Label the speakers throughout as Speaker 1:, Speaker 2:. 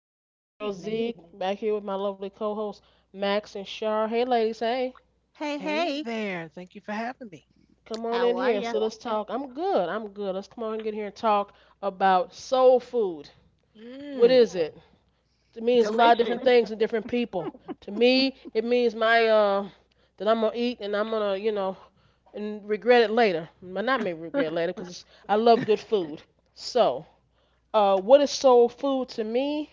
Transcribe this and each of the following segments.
Speaker 1: It's
Speaker 2: Good
Speaker 1: your girl
Speaker 2: evening.
Speaker 1: Zeke back here with my lovely co-hosts Max and Shar. Hey, ladies, hey,
Speaker 2: Hey,
Speaker 3: Hey
Speaker 2: hey.
Speaker 3: there. Thank you for having me.
Speaker 1: come on
Speaker 2: How
Speaker 1: in
Speaker 2: are
Speaker 1: here.
Speaker 2: ya?
Speaker 1: So let's talk. I'm good. I'm good. Let's come on and get here and talk about soul food. What
Speaker 3: Mm.
Speaker 1: is it? It means a lot of different
Speaker 2: Delicious.
Speaker 1: things to different people. To me, it means my that I'm gonna eat and I'm gonna and regret it later. But not maybe regret it later because I love good food. So, what is soul food to me?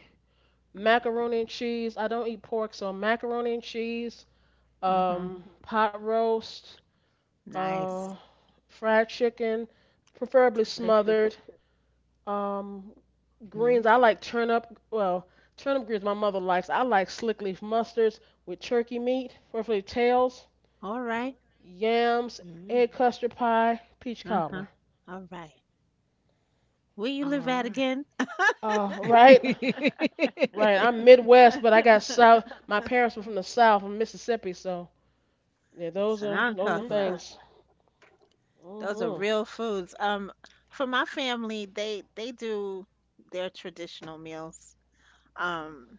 Speaker 1: Macaroni and cheese. I don't eat pork, so macaroni and cheese,
Speaker 2: Mm-hmm.
Speaker 1: pot roast,
Speaker 2: Nice.
Speaker 1: uh, fried chicken, preferably
Speaker 2: Delicious.
Speaker 1: smothered. Um,
Speaker 3: Mhm.
Speaker 1: greens. I like turnip. Well, turnip greens my mother likes. I like slick leaf mustards with turkey meat, preferably tails,
Speaker 2: All right.
Speaker 1: yams,
Speaker 3: Mhm.
Speaker 1: egg custard pie, peach
Speaker 2: Uh-huh.
Speaker 1: cobbler.
Speaker 2: All right. Where you
Speaker 3: All
Speaker 2: live at
Speaker 3: right.
Speaker 2: again?
Speaker 1: Right, right. I'm Midwest, but I got South. My parents were from the South, from Mississippi, so yeah, those
Speaker 2: So
Speaker 1: are
Speaker 2: now I'm
Speaker 1: those are
Speaker 2: talking about.
Speaker 1: things.
Speaker 2: Those are
Speaker 1: hmm
Speaker 2: real foods. For my family, they do their traditional meals. Um,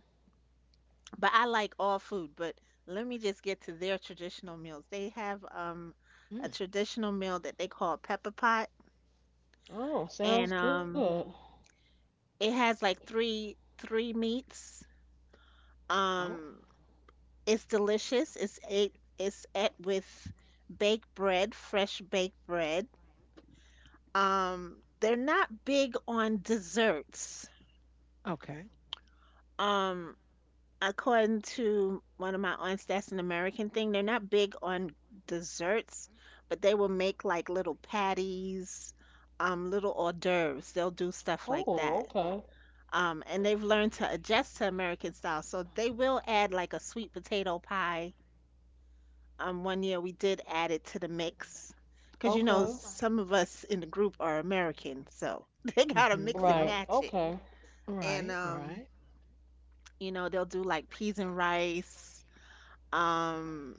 Speaker 2: but I like all food, but let me just get to their traditional meals. They have a
Speaker 3: mm.
Speaker 2: traditional meal that they call pepper pot,
Speaker 1: Oh, sounds
Speaker 2: and um
Speaker 1: good.
Speaker 2: It has like three meats.
Speaker 3: Oh,
Speaker 2: Um, it's delicious. It's ate with baked bread, fresh baked bread. They're not big on desserts.
Speaker 3: okay.
Speaker 2: Um, according to one of my aunts, that's an American thing. They're not big on desserts, but they will make like little patties, little hors d'oeuvres. They'll do stuff like
Speaker 1: Oh,
Speaker 2: that.
Speaker 1: okay.
Speaker 2: And they've learned to adjust to American style. So they will add like a sweet potato pie. One year we did add it to the mix because you know
Speaker 1: Okay.
Speaker 2: some of us in the group are American, so they gotta
Speaker 3: Mhm.
Speaker 2: mix
Speaker 1: Right.
Speaker 2: and match
Speaker 1: Okay.
Speaker 2: it.
Speaker 3: Right,
Speaker 2: And
Speaker 3: right.
Speaker 2: you know they'll do like peas and rice. Um,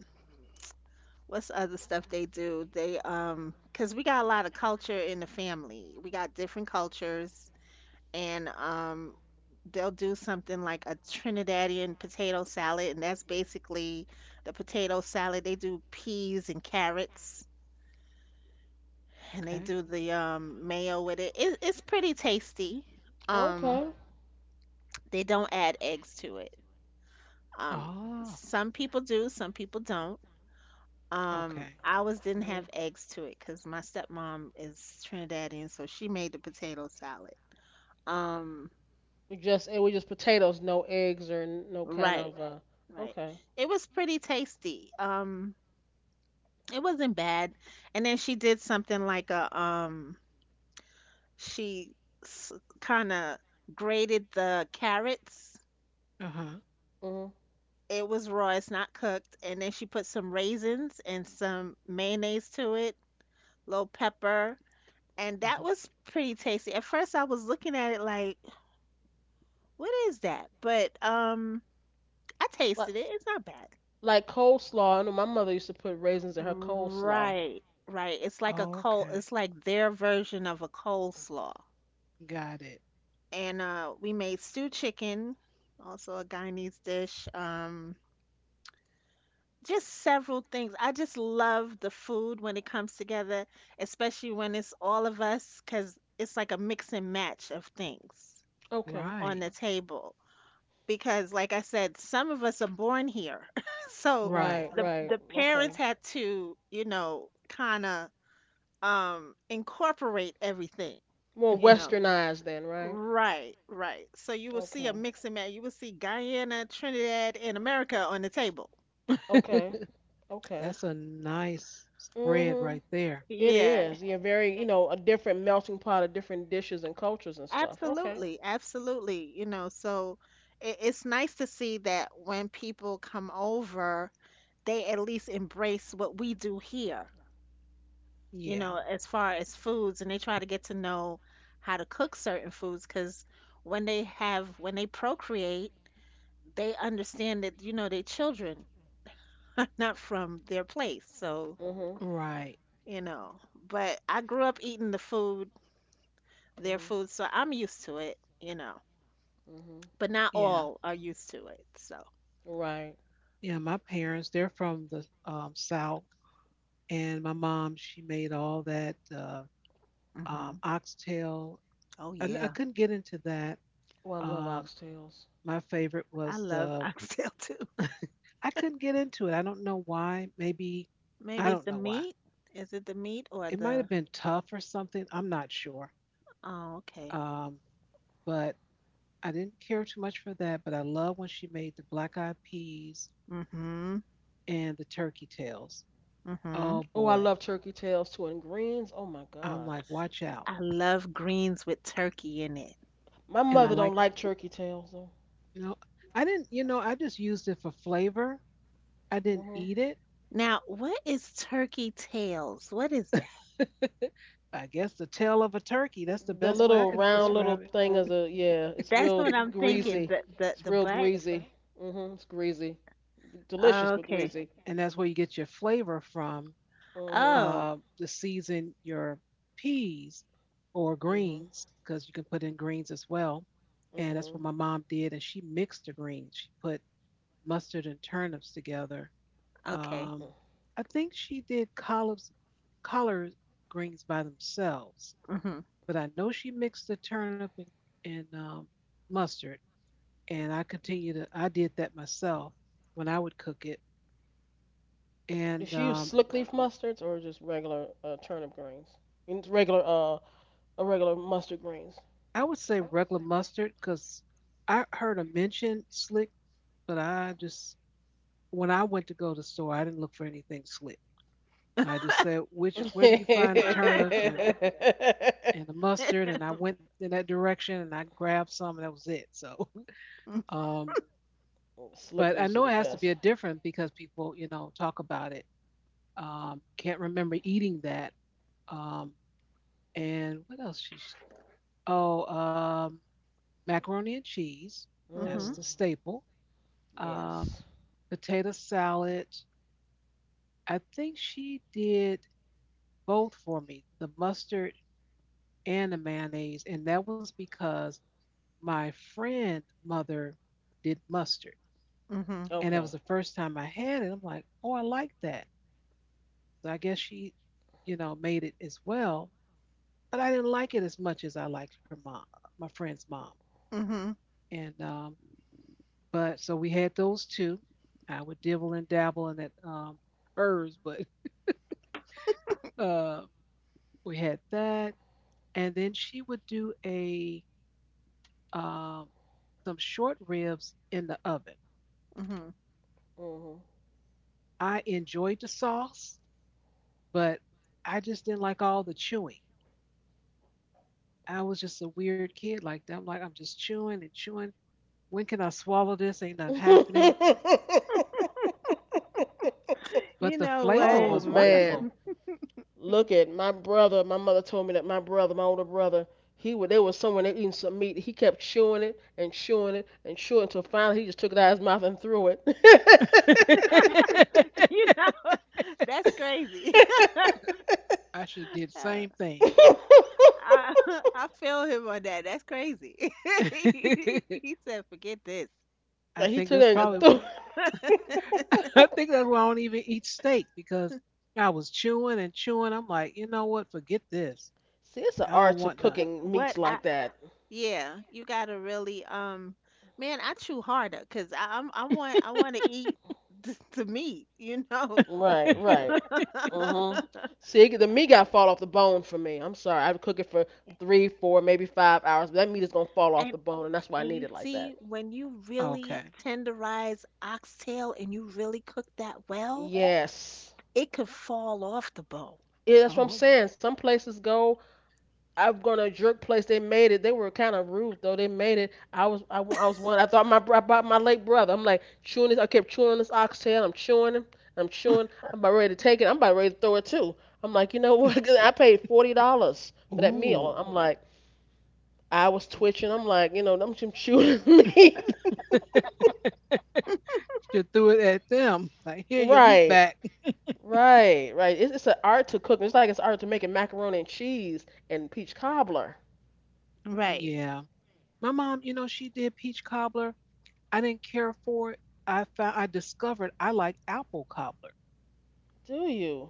Speaker 2: what's the other stuff they do? They because we got a lot of culture in the family. We got different cultures. And they'll do something like a Trinidadian potato salad, and that's basically the potato salad. They do peas and carrots, and they
Speaker 3: Okay.
Speaker 2: do the mayo with it. It's pretty tasty. Um,
Speaker 1: Okay.
Speaker 2: they don't add eggs to it. Um,
Speaker 3: Oh,
Speaker 2: some people do, some people don't. Um,
Speaker 3: okay.
Speaker 2: ours didn't
Speaker 1: Mhm.
Speaker 2: have eggs to it because my stepmom is Trinidadian, so she made the potato salad. Um,
Speaker 1: We just it was just potatoes, no eggs or no kind
Speaker 2: right.
Speaker 1: of
Speaker 2: Right.
Speaker 1: okay.
Speaker 2: It was pretty tasty. It wasn't bad. And then she did something like a she s- kind of grated the carrots.
Speaker 3: Uh-huh.
Speaker 1: Mhm.
Speaker 2: It was raw, it's not cooked. And then she put some raisins and some mayonnaise to it, little pepper, and that
Speaker 3: Mhm.
Speaker 2: was pretty tasty. At first, I was looking at it like, what is that? But I
Speaker 1: Like
Speaker 2: tasted it. It's not bad.
Speaker 1: like coleslaw. I know my mother used to put raisins in her coleslaw.
Speaker 2: Right, right. It's like a col
Speaker 3: Okay.
Speaker 2: it's like their version of a coleslaw.
Speaker 3: Got it.
Speaker 2: And we made stew chicken, also a Guyanese dish. Just several things. I just love the food when it comes together, especially when it's all of us, 'cause it's like a mix and match of things
Speaker 1: Okay.
Speaker 2: on
Speaker 3: Right.
Speaker 2: the table. Because like I said, some of us are born here. So
Speaker 3: Right.
Speaker 1: Right,
Speaker 2: the
Speaker 1: right.
Speaker 2: the parents
Speaker 1: Okay.
Speaker 2: had to, kind of incorporate everything
Speaker 1: More
Speaker 2: you know
Speaker 1: westernized then, right?
Speaker 2: right, right. So you will see a
Speaker 1: Okay.
Speaker 2: mix and match. You will see Guyana, Trinidad, and America on the table.
Speaker 1: Okay. Okay.
Speaker 3: That's a nice spread
Speaker 1: Mhm.
Speaker 3: right there.
Speaker 1: It
Speaker 2: Yeah,
Speaker 1: is. Yeah, very,
Speaker 2: a-
Speaker 1: a different melting pot of different dishes and cultures and stuff. Okay.
Speaker 2: absolutely, absolutely. So it's nice to see that when people come over they at least embrace what we do here
Speaker 3: Yeah.
Speaker 2: as far as foods, and they try to get to know how to cook certain foods because when they procreate they understand that you know their children are not from their place, so
Speaker 1: Mhm.
Speaker 3: Right.
Speaker 2: you know but I grew up eating their
Speaker 1: Mhm.
Speaker 2: food, so I'm used to it,
Speaker 1: Mhm.
Speaker 2: but not
Speaker 3: Yeah.
Speaker 2: all are used to it, so.
Speaker 1: Right.
Speaker 3: Yeah. My parents, they're from the South, and my mom, she made all that
Speaker 2: Hmm.
Speaker 3: oxtail.
Speaker 2: Oh,
Speaker 3: I
Speaker 2: yeah,
Speaker 3: couldn't get into that.
Speaker 1: Oh, I love
Speaker 3: um,
Speaker 1: oxtails.
Speaker 3: my favorite
Speaker 2: I
Speaker 3: was
Speaker 2: love
Speaker 3: the,
Speaker 2: oxtail too.
Speaker 3: I couldn't get into it. I don't know why. Maybe I
Speaker 2: Maybe it's
Speaker 3: don't
Speaker 2: the
Speaker 3: know why.
Speaker 2: meat. Is it the meat or
Speaker 3: It might
Speaker 2: the—
Speaker 3: have been tough or something. I'm not sure.
Speaker 2: Oh, okay.
Speaker 3: um, but I didn't care too much for that, but I love when she made the black eyed peas
Speaker 2: Mm-hmm.
Speaker 3: and the turkey tails.
Speaker 2: Mm-hmm.
Speaker 3: Oh
Speaker 1: Oh, I
Speaker 3: boy,
Speaker 1: love turkey tails too, and greens. Oh my
Speaker 3: I'm
Speaker 1: God.
Speaker 3: like watch out.
Speaker 2: I love greens with turkey in it.
Speaker 1: My
Speaker 3: And I
Speaker 1: mother
Speaker 2: Love
Speaker 3: like,
Speaker 1: don't
Speaker 2: it.
Speaker 1: like turkey tails though.
Speaker 3: you know, I didn't, you know, I just used it for flavor. I didn't
Speaker 1: Mhm.
Speaker 3: eat it.
Speaker 2: Now, what is turkey tails, what is that?
Speaker 3: I guess the tail of a turkey. That's the
Speaker 1: The
Speaker 3: best way I
Speaker 1: little
Speaker 3: could
Speaker 1: round
Speaker 3: describe it.
Speaker 1: little thing is a yeah. It's
Speaker 2: That's
Speaker 1: real
Speaker 2: what I'm thinking.
Speaker 1: greasy.
Speaker 2: The the
Speaker 1: It's
Speaker 2: the
Speaker 1: real
Speaker 2: butt.
Speaker 1: greasy. Mhm. It's greasy.
Speaker 2: Oh,
Speaker 1: Delicious but
Speaker 2: okay.
Speaker 1: greasy.
Speaker 3: And that's where you get your flavor from,
Speaker 1: Mhm.
Speaker 2: Oh.
Speaker 3: the season your peas or
Speaker 1: Mhm.
Speaker 3: greens, because you can put in greens as well. And that's what
Speaker 1: Mhm.
Speaker 3: my mom did. And she mixed the greens. She put mustard and turnips together.
Speaker 2: Okay.
Speaker 1: Mm.
Speaker 3: Um, I think she did collards, collard greens by themselves,
Speaker 2: Mhm.
Speaker 3: but I know she mixed the turnip and mustard, and I continue to, I did that myself when I would cook it.
Speaker 1: Does
Speaker 3: And
Speaker 1: she use slick leaf mustards or just regular turnip greens? I mean, it's regular regular mustard greens.
Speaker 3: I would say regular mustard because I heard a mention slick, but I just, when I went to go to the store, I didn't look for anything slick. I just said, "Which, where do you find the turnips and the mustard?" And I went in that direction and I grabbed some, and that was it. So,
Speaker 2: Mm.
Speaker 3: um,
Speaker 1: Slick
Speaker 3: but I
Speaker 1: leaves are
Speaker 3: know
Speaker 1: the
Speaker 3: it has to
Speaker 1: best.
Speaker 3: be a different because people, you know, talk about it. Can't remember eating that. Um, and what else she oh, macaroni and cheese. That's
Speaker 1: Mm.
Speaker 2: Mhm.
Speaker 3: the staple. Um,
Speaker 1: Yes.
Speaker 3: Potato salad. I think she did both for me, the mustard and the mayonnaise, and that was because my friend mother did mustard,
Speaker 2: Mhm.
Speaker 3: and that was
Speaker 1: Okay.
Speaker 3: the first time I had it. I'm like, oh, I like that. So I guess she, you know, made it as well, but I didn't like it as much as I liked her mom, my friend's mom,
Speaker 2: Mhm.
Speaker 3: and but so we had those two. I would dibble and dabble in that, hers, but uh, we had that, and then she would do a, um, some short ribs in the oven.
Speaker 2: Mhm.
Speaker 1: Mhm.
Speaker 3: I enjoyed the sauce, but I just didn't like all the chewing. I was just a weird kid like that. I'm like, I'm just chewing and chewing. When can I swallow this? Ain't nothing happening. But
Speaker 2: You
Speaker 3: the
Speaker 2: know
Speaker 3: flavor
Speaker 2: what?
Speaker 1: Oh
Speaker 3: was
Speaker 1: man.
Speaker 3: wonderful.
Speaker 1: Look at my brother my mother told me that my brother, my older brother, he would. There was someone there eating some meat. He kept chewing it and chewing it and chewing it until finally he just took it out of his mouth and threw
Speaker 3: I
Speaker 1: it.
Speaker 2: You know what? That's crazy.
Speaker 3: should have did the
Speaker 2: Oh,
Speaker 3: same thing.
Speaker 2: I I feel him on that. That's crazy. He said, "Forget this."
Speaker 3: I
Speaker 1: He
Speaker 3: think
Speaker 1: took
Speaker 3: that's
Speaker 1: it and just
Speaker 3: probably,
Speaker 1: threw it.
Speaker 3: I think that's why I don't even eat steak because I was chewing and chewing. I'm like, you know what? Forget this.
Speaker 1: See, it's an
Speaker 3: I don't
Speaker 1: art to
Speaker 3: want none.
Speaker 1: cooking meats
Speaker 2: What I
Speaker 1: like that.
Speaker 2: yeah, you gotta really man, I chew harder because I want to eat the meat, you know.
Speaker 1: Right, right. Uh huh. See, the meat got to fall off the bone for me. I'm sorry. I would cook it for three, 4, maybe 5 hours, but that meat is gonna fall off the bone, and that's why I
Speaker 2: And
Speaker 1: need
Speaker 2: you
Speaker 1: it like
Speaker 2: see,
Speaker 1: that.
Speaker 2: when you really
Speaker 3: Okay.
Speaker 2: tenderize oxtail and you really cook that well,
Speaker 1: Yes.
Speaker 2: it could fall off the bone.
Speaker 1: Yeah, that's what I'm
Speaker 3: Oh,
Speaker 1: saying. Some places go. I've gone to a jerk place. They made it. They were kind of rude though. They made it. I was one. I bought my late brother. I'm like chewing this. I kept chewing this oxtail. I'm chewing him. I'm chewing. I'm about ready to take it. I'm about ready to throw it too. I'm like, you know what? 'Cause I paid $40 for that meal.
Speaker 3: ooh.
Speaker 1: I'm like, I was twitching. I'm like, you know, I'm just chewing meat.
Speaker 3: She threw it at them. Like, here, your meat
Speaker 1: Right,
Speaker 3: back.
Speaker 1: right, right. It's an art to cook. It's like it's art to making macaroni and cheese and peach cobbler.
Speaker 2: Right.
Speaker 3: Yeah. My mom, you know, she did peach cobbler. I didn't care for it. I found, I discovered I like apple cobbler.
Speaker 1: Do you?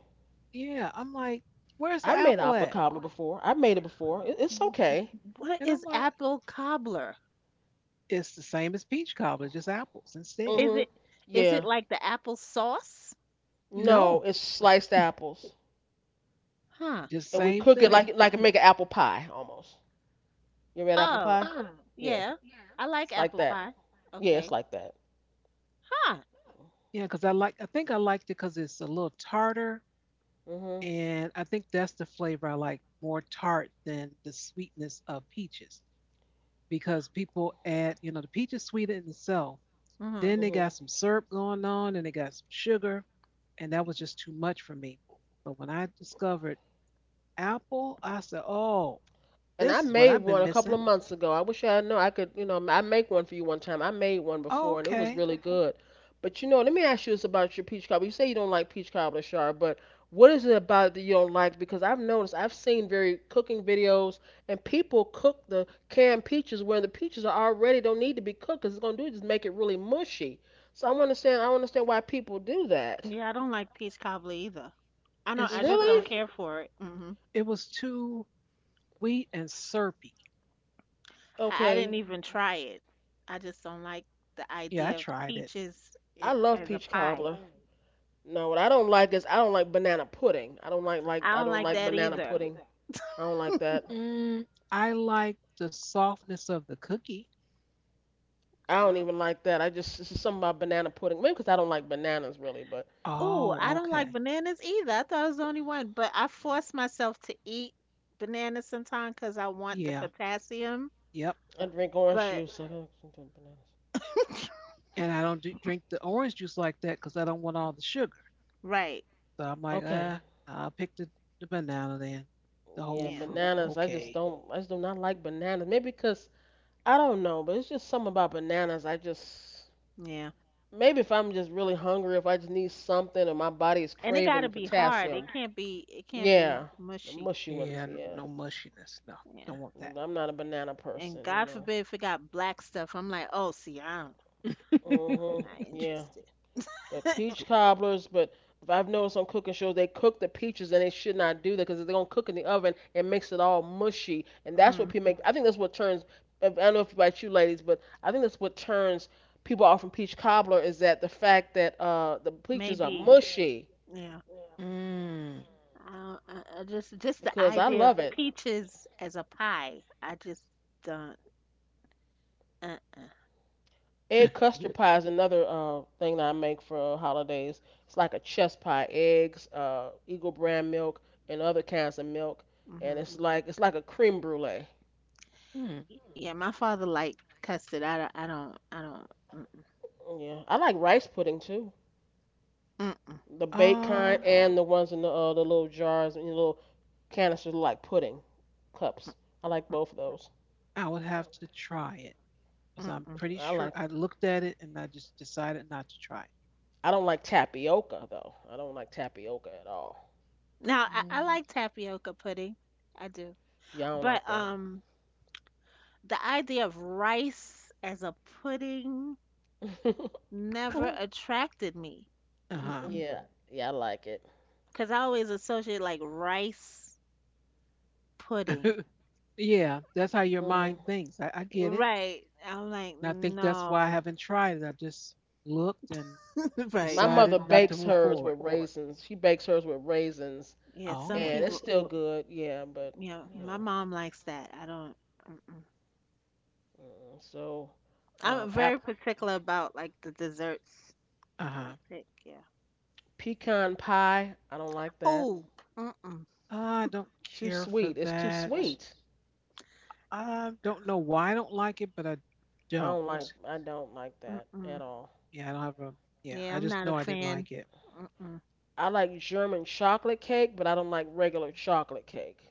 Speaker 3: Yeah. I'm like, where's the
Speaker 1: I made
Speaker 3: apple
Speaker 1: apple
Speaker 3: at?
Speaker 1: cobbler before. I made it before. It's okay.
Speaker 2: What
Speaker 3: And I'm
Speaker 2: is
Speaker 3: like,
Speaker 2: apple cobbler?
Speaker 3: it's the same as peach cobbler, just apples instead.
Speaker 2: Is
Speaker 1: Mhm.
Speaker 2: it is it
Speaker 1: Yeah.
Speaker 2: like the apple sauce?
Speaker 1: No,
Speaker 3: No,
Speaker 1: it's sliced apples,
Speaker 2: Huh.
Speaker 3: just
Speaker 1: and we
Speaker 3: same
Speaker 1: cook it
Speaker 3: thing.
Speaker 1: like make an apple pie almost. You ever had apple
Speaker 2: Oh,
Speaker 1: pie? Yeah,
Speaker 2: yeah. I like
Speaker 1: it's like
Speaker 2: apple
Speaker 1: that.
Speaker 2: pie.
Speaker 1: Yeah, it's
Speaker 2: Okay.
Speaker 1: like that.
Speaker 2: Huh.
Speaker 3: Yeah, because I like, I think I liked it because it's a little tartar,
Speaker 1: Mhm.
Speaker 3: and I think that's the flavor I like, more tart than the sweetness of peaches. Because people add, you know, the peach is sweet in itself.
Speaker 2: Mhm.
Speaker 3: Then they got
Speaker 1: Mhm.
Speaker 3: some syrup going on, and they got some sugar, and that was just too much for me. But when I discovered apple, I said, "Oh,
Speaker 1: And I
Speaker 3: this is what
Speaker 1: made
Speaker 3: I've
Speaker 1: one
Speaker 3: been
Speaker 1: a couple
Speaker 3: missing."
Speaker 1: of months ago. I wish I know I could, you know, I make one for you one time. I made one
Speaker 3: Oh,
Speaker 1: before and it was
Speaker 3: okay.
Speaker 1: really good. But you know, let me ask you this about your peach cobbler. You say you don't like peach cobbler, Char, but what is it about that you don't like? Because I've noticed, I've seen very cooking videos and people cook the canned peaches where the peaches are already don't need to be cooked 'cause it's gonna do is just make it really mushy. So I don't understand. I don't understand why people do that.
Speaker 2: Yeah, I don't like peach cobbler either. I don't. I
Speaker 3: It's
Speaker 2: just don't
Speaker 1: Really?
Speaker 2: care for it. Mhm.
Speaker 3: it was too sweet and syrupy.
Speaker 2: I didn't
Speaker 1: Okay.
Speaker 2: even try it. I just don't like the
Speaker 3: Yeah, I
Speaker 2: idea of
Speaker 3: tried it.
Speaker 2: peaches
Speaker 1: I love
Speaker 2: as a
Speaker 1: peach
Speaker 2: pie.
Speaker 1: cobbler. No, what I don't like is I don't like banana pudding.
Speaker 2: I
Speaker 1: I
Speaker 2: don't
Speaker 1: don't
Speaker 2: like
Speaker 1: like
Speaker 2: that
Speaker 1: banana
Speaker 2: either.
Speaker 1: pudding. I don't like that.
Speaker 3: Mm, I like the softness of the cookie.
Speaker 1: I don't even like that. I just it's just something about banana pudding. Maybe because I don't like bananas really, but
Speaker 2: Oh,
Speaker 3: Oh,
Speaker 2: I don't like
Speaker 3: okay.
Speaker 2: bananas either. I thought I was the only one, but I force myself to eat bananas sometimes because I want the
Speaker 3: Yeah.
Speaker 2: potassium.
Speaker 3: Yep.
Speaker 1: I drink orange
Speaker 2: But
Speaker 1: juice. So I don't drink bananas.
Speaker 3: And I don't do, drink the orange juice like that because I don't want all the sugar.
Speaker 2: right,
Speaker 3: So I'm like,
Speaker 1: Okay.
Speaker 3: I'll pick the banana then, the whole
Speaker 1: Yeah,
Speaker 2: yeah,
Speaker 3: fruit.
Speaker 1: bananas. I just
Speaker 3: Okay.
Speaker 1: don't. I just do not like bananas. Maybe because I don't know, but it's just something about bananas. I just
Speaker 2: yeah,
Speaker 1: maybe if I'm just really hungry, if I just need something, or my body is
Speaker 2: and it got to
Speaker 1: craving
Speaker 2: be hard. It
Speaker 1: potassium.
Speaker 2: can't be. It can't be
Speaker 1: Yeah, the
Speaker 2: mushy.
Speaker 1: mushy ones.
Speaker 3: Yeah.
Speaker 1: Yeah,
Speaker 3: No mushiness. No,
Speaker 2: Yeah,
Speaker 3: don't want
Speaker 1: yeah but I'm not a banana
Speaker 2: and
Speaker 1: person. You
Speaker 2: God
Speaker 1: know.
Speaker 2: forbid if it got black stuff. I'm like, oh, see, I don't.
Speaker 3: that.
Speaker 2: I'm
Speaker 1: Mhm.
Speaker 2: not
Speaker 1: Yeah.
Speaker 2: interested.
Speaker 1: But peach cobblers, but if I've noticed on cooking shows, they cook the peaches and they should not do that because if they're gonna cook in the oven, it makes it all mushy, and that's what
Speaker 2: Mm,
Speaker 1: people make. I think that's what turns. I don't know if about you ladies, but I think that's what turns people off from peach cobbler is that the fact that the peaches are
Speaker 2: maybe.
Speaker 1: mushy
Speaker 2: Yeah.
Speaker 3: Mm.
Speaker 2: Just the
Speaker 1: because I
Speaker 2: idea of
Speaker 1: love it.
Speaker 2: peaches as a pie, I just don't. Uh, uh,
Speaker 1: Egg custard pie is another thing that I make for holidays. It's like a chest pie, eggs, Eagle brand milk, and other kinds of milk, and
Speaker 2: mm-hmm.
Speaker 1: it's like a creme brulee.
Speaker 3: Hmm.
Speaker 2: Yeah, my father liked custard. I don't. I don't. I don't. Mm,
Speaker 1: Yeah, I like rice pudding too,
Speaker 2: mm, mm,
Speaker 1: the baked kind
Speaker 3: Um,
Speaker 1: and the ones in the little jars and the little canisters look like pudding cups. I like
Speaker 2: mm,
Speaker 1: both of those.
Speaker 3: I would have to try it because
Speaker 2: mm,
Speaker 3: I'm
Speaker 2: mm.
Speaker 3: pretty
Speaker 1: I
Speaker 3: sure
Speaker 1: like
Speaker 3: I looked at it and I just decided not to try it.
Speaker 1: I don't like tapioca though. I don't like tapioca at all.
Speaker 2: Now I
Speaker 3: Mm.
Speaker 2: like tapioca pudding. I do,
Speaker 1: Yeah, I don't like
Speaker 2: but
Speaker 1: that.
Speaker 2: the idea of rice as a pudding never attracted me.
Speaker 3: Uh
Speaker 2: Mm-mm.
Speaker 1: Yeah, yeah, I like it.
Speaker 2: Cause I always associate like rice
Speaker 3: huh.
Speaker 2: pudding.
Speaker 3: Yeah, that's how your mind
Speaker 1: hmm
Speaker 3: thinks. I get it.
Speaker 2: Right. I'm like,
Speaker 3: And I think that's why I
Speaker 2: no.
Speaker 3: haven't tried it. I just looked and
Speaker 1: My
Speaker 2: Right.
Speaker 1: mother
Speaker 3: decided not to
Speaker 1: bakes
Speaker 3: move
Speaker 1: hers
Speaker 3: forward.
Speaker 1: with raisins. She bakes hers with raisins,
Speaker 2: Yeah, some
Speaker 3: Oh,
Speaker 1: and it's
Speaker 2: people,
Speaker 1: still good. Yeah, but you
Speaker 2: my
Speaker 1: know,
Speaker 2: mom likes that. I don't. I'm
Speaker 1: mm, so
Speaker 2: I'm very
Speaker 1: app
Speaker 2: particular about like the desserts
Speaker 3: uh
Speaker 2: that I
Speaker 3: huh.
Speaker 2: pick. Yeah.
Speaker 1: pecan pie. I don't like that.
Speaker 2: Oh. Mm-mm,
Speaker 3: I don't
Speaker 1: Too
Speaker 3: care for
Speaker 1: sweet. It's too
Speaker 3: that.
Speaker 1: sweet.
Speaker 3: I don't know why I don't like it, but I
Speaker 1: I
Speaker 3: don't.
Speaker 1: don't like. I don't like that
Speaker 2: mm-mm.
Speaker 1: at all.
Speaker 3: Yeah, I don't have a, yeah,
Speaker 2: Yeah,
Speaker 3: I
Speaker 2: I'm
Speaker 3: just
Speaker 2: not a
Speaker 3: know I didn't
Speaker 2: fan.
Speaker 3: like it.
Speaker 2: Mm-mm.
Speaker 1: I like German chocolate cake, but I don't like regular chocolate cake.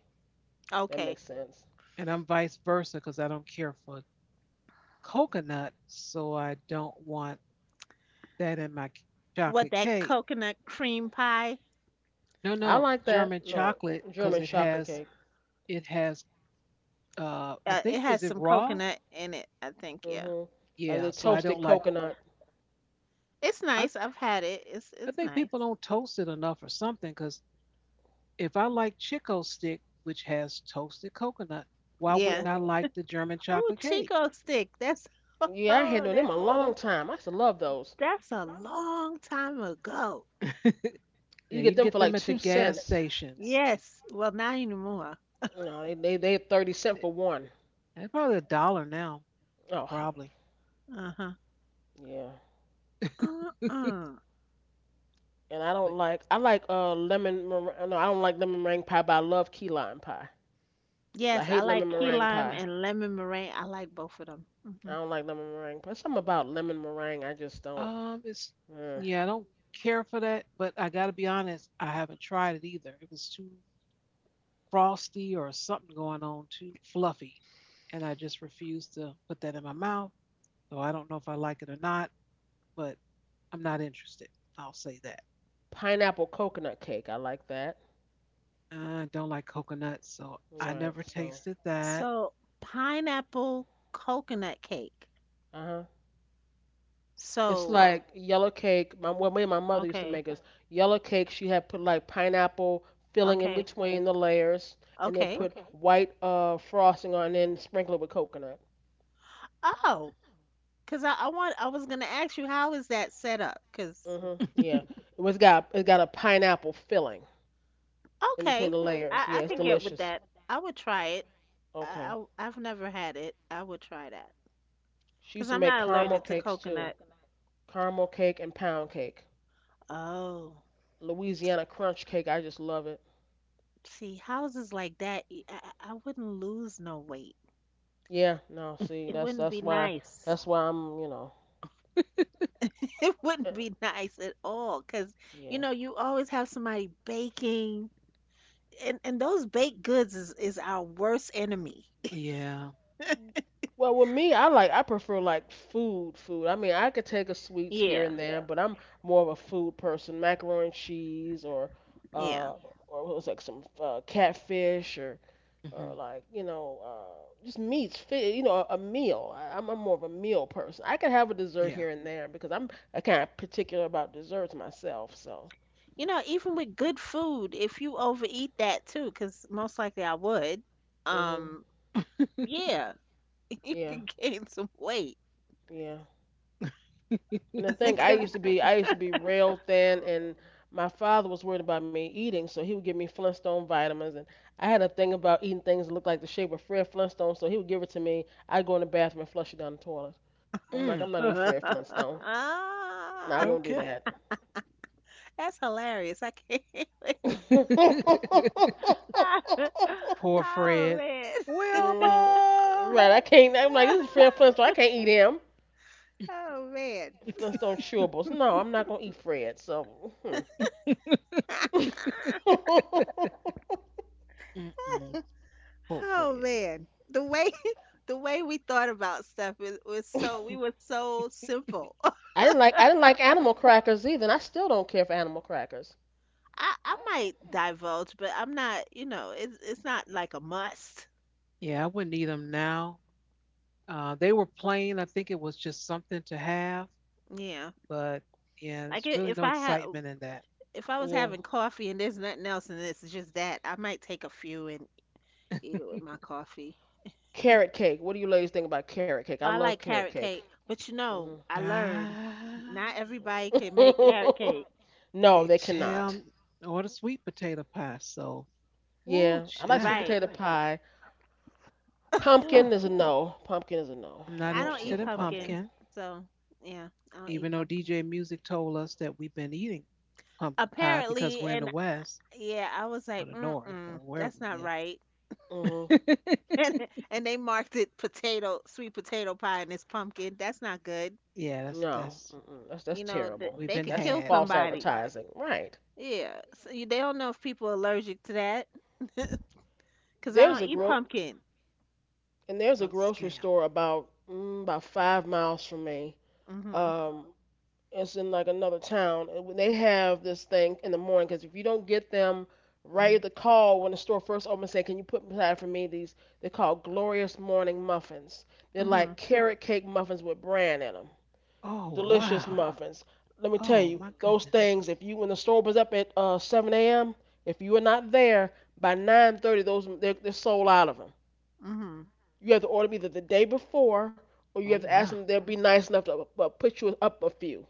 Speaker 1: That
Speaker 2: Okay.
Speaker 1: makes sense.
Speaker 3: And I'm vice versa because I don't care for coconut. So I don't want that in my
Speaker 2: What,
Speaker 3: chocolate
Speaker 2: that
Speaker 3: cake.
Speaker 2: coconut cream pie?
Speaker 3: No,
Speaker 1: I
Speaker 3: no,
Speaker 1: like that.
Speaker 3: German
Speaker 1: No,
Speaker 3: chocolate because
Speaker 1: German chocolate cake.
Speaker 3: it has I
Speaker 2: It
Speaker 3: think is
Speaker 2: has
Speaker 3: it
Speaker 2: some
Speaker 3: raw?
Speaker 2: coconut in it, I think. Yeah.
Speaker 1: Mhm. Like
Speaker 3: Yeah,
Speaker 1: the
Speaker 3: so I don't
Speaker 1: toasted
Speaker 3: like
Speaker 1: coconut.
Speaker 2: It's
Speaker 3: I
Speaker 2: nice. I've had it. It's
Speaker 3: I
Speaker 2: it's
Speaker 3: think people
Speaker 2: nice.
Speaker 3: don't toast it enough or something cuz if I like Chico stick, which has toasted coconut, why wouldn't
Speaker 2: Yeah.
Speaker 3: I
Speaker 1: Mhm.
Speaker 3: like the German
Speaker 2: Oh,
Speaker 3: chocolate cake?
Speaker 2: Chico stick. That's
Speaker 1: Yeah, I had no
Speaker 2: oh,
Speaker 1: them a
Speaker 2: that's
Speaker 1: long time. I used to love those.
Speaker 2: that's a long time ago.
Speaker 1: You
Speaker 3: Yeah,
Speaker 1: get
Speaker 3: you can
Speaker 1: them for
Speaker 3: get
Speaker 1: like
Speaker 3: them at the
Speaker 1: two
Speaker 3: gas
Speaker 1: cents.
Speaker 3: stations.
Speaker 2: Yes. Well, not anymore.
Speaker 1: No, they 30 cent for one.
Speaker 3: They're probably a dollar now,
Speaker 1: Oh hell,
Speaker 3: probably.
Speaker 2: Uh-huh.
Speaker 1: yeah.
Speaker 2: Mm-mm.
Speaker 1: And I
Speaker 3: But,
Speaker 1: don't like I like lemon meringue. No, I don't like lemon meringue pie, but I love key lime pie. But I
Speaker 2: Yes, I
Speaker 1: hate lemon
Speaker 2: like key
Speaker 1: meringue
Speaker 2: lime
Speaker 1: pie.
Speaker 2: and lemon meringue. I like both of them.
Speaker 1: I
Speaker 2: Hmm.
Speaker 1: don't like lemon meringue pie. Something about lemon meringue I just don't.
Speaker 3: it's
Speaker 1: Uh,
Speaker 3: yeah, I don't care for that, but I got to be honest, I haven't tried it either. It was too frosty or something going on, too fluffy, and I just refuse to put that in my mouth. So I don't know if I like it or not, but I'm not interested. I'll say that.
Speaker 1: Pineapple coconut cake, I like that.
Speaker 3: I don't like coconut, so I
Speaker 1: Right.
Speaker 3: never
Speaker 1: So,
Speaker 3: tasted that.
Speaker 2: So pineapple coconut cake.
Speaker 1: uh huh. It's
Speaker 2: So
Speaker 1: like yellow cake. My well, me and my mother used to
Speaker 2: okay,
Speaker 1: make us yellow cake. She had put like pineapple filling in
Speaker 2: okay,
Speaker 1: between the layers, and then
Speaker 2: okay.
Speaker 1: put white frosting on, and then sprinkle it with coconut.
Speaker 2: Oh, because I was gonna ask you how is that set up? Because
Speaker 1: Mhm. Yeah. It was got it got a pineapple filling in between
Speaker 2: okay,
Speaker 1: the layers.
Speaker 2: I
Speaker 1: Yeah,
Speaker 2: I
Speaker 1: it's
Speaker 2: could get with
Speaker 1: delicious.
Speaker 2: that. I would try it.
Speaker 1: Okay.
Speaker 2: I've never had it. I would try that
Speaker 1: She used
Speaker 2: because
Speaker 1: to
Speaker 2: I'm
Speaker 1: make
Speaker 2: not
Speaker 1: caramel
Speaker 2: allergic to
Speaker 1: cakes too.
Speaker 2: coconut.
Speaker 1: Caramel cake and pound cake.
Speaker 2: Oh,
Speaker 1: Louisiana crunch cake. I just love it.
Speaker 2: see houses like that. I wouldn't lose no weight.
Speaker 1: Yeah. No. See,
Speaker 2: It
Speaker 1: that's
Speaker 2: wouldn't
Speaker 1: that's
Speaker 2: be
Speaker 1: why
Speaker 2: nice.
Speaker 1: that's why I'm you know.
Speaker 2: It wouldn't
Speaker 1: eh,
Speaker 2: be nice at all because you
Speaker 1: Yeah.
Speaker 2: know you always have somebody baking, and those baked goods is our worst enemy.
Speaker 3: Yeah,
Speaker 1: Well, with me, I like I prefer like food, food. I mean, I could take a sweets here
Speaker 2: Yeah.
Speaker 1: and there, but I'm more of a food person. Macaroni and cheese,
Speaker 2: Yeah.
Speaker 1: uh, or what was like some catfish,
Speaker 3: hmm,
Speaker 1: or like you know, just meats. Fi you know, a meal. I'm more of a meal person. I could have a dessert
Speaker 3: yeah.
Speaker 1: here and there because I kind of particular about desserts myself. So,
Speaker 2: You know, even with good food, if you overeat that too, cause most likely I would,
Speaker 1: mhm,
Speaker 2: um, yeah, you
Speaker 1: yeah,
Speaker 2: could gain some weight.
Speaker 1: yeah. And the thing I
Speaker 2: 'Cause-
Speaker 1: used to be, I used to be real thin, and my father was worried about me eating, so he would give me Flintstone vitamins, and I had a thing about eating things that looked like the shape of Fred Flintstone, so he would give it to me. I'd go in the bathroom and flush it down the toilet. I'm like, I'm
Speaker 3: Mm,
Speaker 1: not gonna eat Fred Flintstone. No, I won't do
Speaker 3: okay.
Speaker 1: that.
Speaker 2: that's hilarious. I can't wait.
Speaker 3: Poor
Speaker 2: Oh
Speaker 3: Fred.
Speaker 2: man.
Speaker 1: Mm, right, I
Speaker 3: Wilma.
Speaker 1: can't. I'm like, this is Fred Flintstone. I can't eat him.
Speaker 2: Oh man.
Speaker 1: Flintstone chewables. No, I'm not gonna eat Fred. So. Hmm.
Speaker 3: Mm-mm. Poor
Speaker 2: Oh
Speaker 3: Fred.
Speaker 2: man. The way The way we thought about stuff was so we were so simple.
Speaker 1: I didn't like animal crackers either, and I still don't care for animal crackers.
Speaker 2: I might divulge, but I'm not, it's not like a must.
Speaker 3: Yeah, I wouldn't eat them now. They were plain. I think it was just something to have.
Speaker 2: Yeah.
Speaker 3: But yeah,
Speaker 2: Like
Speaker 3: there's really no excitement in that.
Speaker 2: if I was
Speaker 1: Yeah.
Speaker 2: having coffee and there's nothing else and it's just that, I might take a few and eat it with my coffee.
Speaker 1: Carrot cake. What do you ladies think about carrot cake? I
Speaker 2: Oh, I
Speaker 1: love
Speaker 2: like
Speaker 1: carrot
Speaker 2: carrot
Speaker 1: cake.
Speaker 2: cake, but
Speaker 1: hmm
Speaker 2: I learned not
Speaker 3: Ah,
Speaker 2: everybody can make carrot cake.
Speaker 1: no,
Speaker 3: the
Speaker 1: they cannot.
Speaker 3: ham or the sweet potato pie. So, ooh,
Speaker 1: Yeah, I like
Speaker 3: child,
Speaker 1: sweet
Speaker 2: Right.
Speaker 1: potato pie. Pumpkin
Speaker 3: ooh,
Speaker 1: is a no. Pumpkin is a no.
Speaker 3: I'm not
Speaker 1: I
Speaker 2: I
Speaker 1: don't
Speaker 2: don't
Speaker 3: interested
Speaker 1: care
Speaker 2: eat
Speaker 3: in
Speaker 1: for pumpkin.
Speaker 2: pumpkin,
Speaker 3: pumpkin,
Speaker 2: so yeah, I don't eat
Speaker 3: even though
Speaker 2: pumpkin.
Speaker 3: DJ Music told us that we've been eating pumpkin pie because
Speaker 2: Apparently,
Speaker 3: we're in the
Speaker 2: and
Speaker 3: West
Speaker 2: yeah, I was
Speaker 3: or
Speaker 2: like,
Speaker 3: the North or
Speaker 2: mm-mm,
Speaker 3: where
Speaker 2: that's not
Speaker 3: we
Speaker 2: right.
Speaker 1: hmm
Speaker 3: live.
Speaker 2: And and they marked it potato, sweet potato pie, and it's pumpkin. That's not good.
Speaker 3: Yeah, that's
Speaker 1: No,
Speaker 3: that's
Speaker 1: mm-mm. That's
Speaker 2: You know,
Speaker 1: terrible.
Speaker 3: we've
Speaker 2: they
Speaker 3: been
Speaker 2: could
Speaker 1: That's
Speaker 2: kill
Speaker 3: had,
Speaker 1: false
Speaker 2: somebody.
Speaker 1: advertising. Right.
Speaker 2: Yeah, so they don't know if people are allergic to that, cause I
Speaker 1: There's
Speaker 3: uh,
Speaker 2: don't
Speaker 1: a
Speaker 2: eat
Speaker 1: gro
Speaker 2: pumpkin.
Speaker 1: and there's a
Speaker 3: a
Speaker 1: grocery
Speaker 3: scam.
Speaker 1: store about about 5 miles from me.
Speaker 2: Mm-hmm.
Speaker 1: Um, it's in like another town. And when they have this thing in the morning, because if you don't get them right at
Speaker 3: Mhm.
Speaker 1: the call when the store first opens, say, "Can you put aside for me these?" They're called glorious morning muffins. They're
Speaker 2: Mm-hmm.
Speaker 1: like carrot cake muffins with bran in them,
Speaker 3: Oh
Speaker 1: delicious
Speaker 3: wow!
Speaker 1: muffins. Let me tell
Speaker 3: Oh
Speaker 1: you,
Speaker 3: my
Speaker 1: those
Speaker 3: goodness!
Speaker 1: things, if you, when the store opens up at 7 a.m, if you are not there by 9:30, they're sold out of them.
Speaker 2: Mm-hmm.
Speaker 1: You have to order them either the day before, or you
Speaker 3: Oh
Speaker 1: have to ask
Speaker 3: wow!
Speaker 1: them, they'll be nice enough to put you up a few.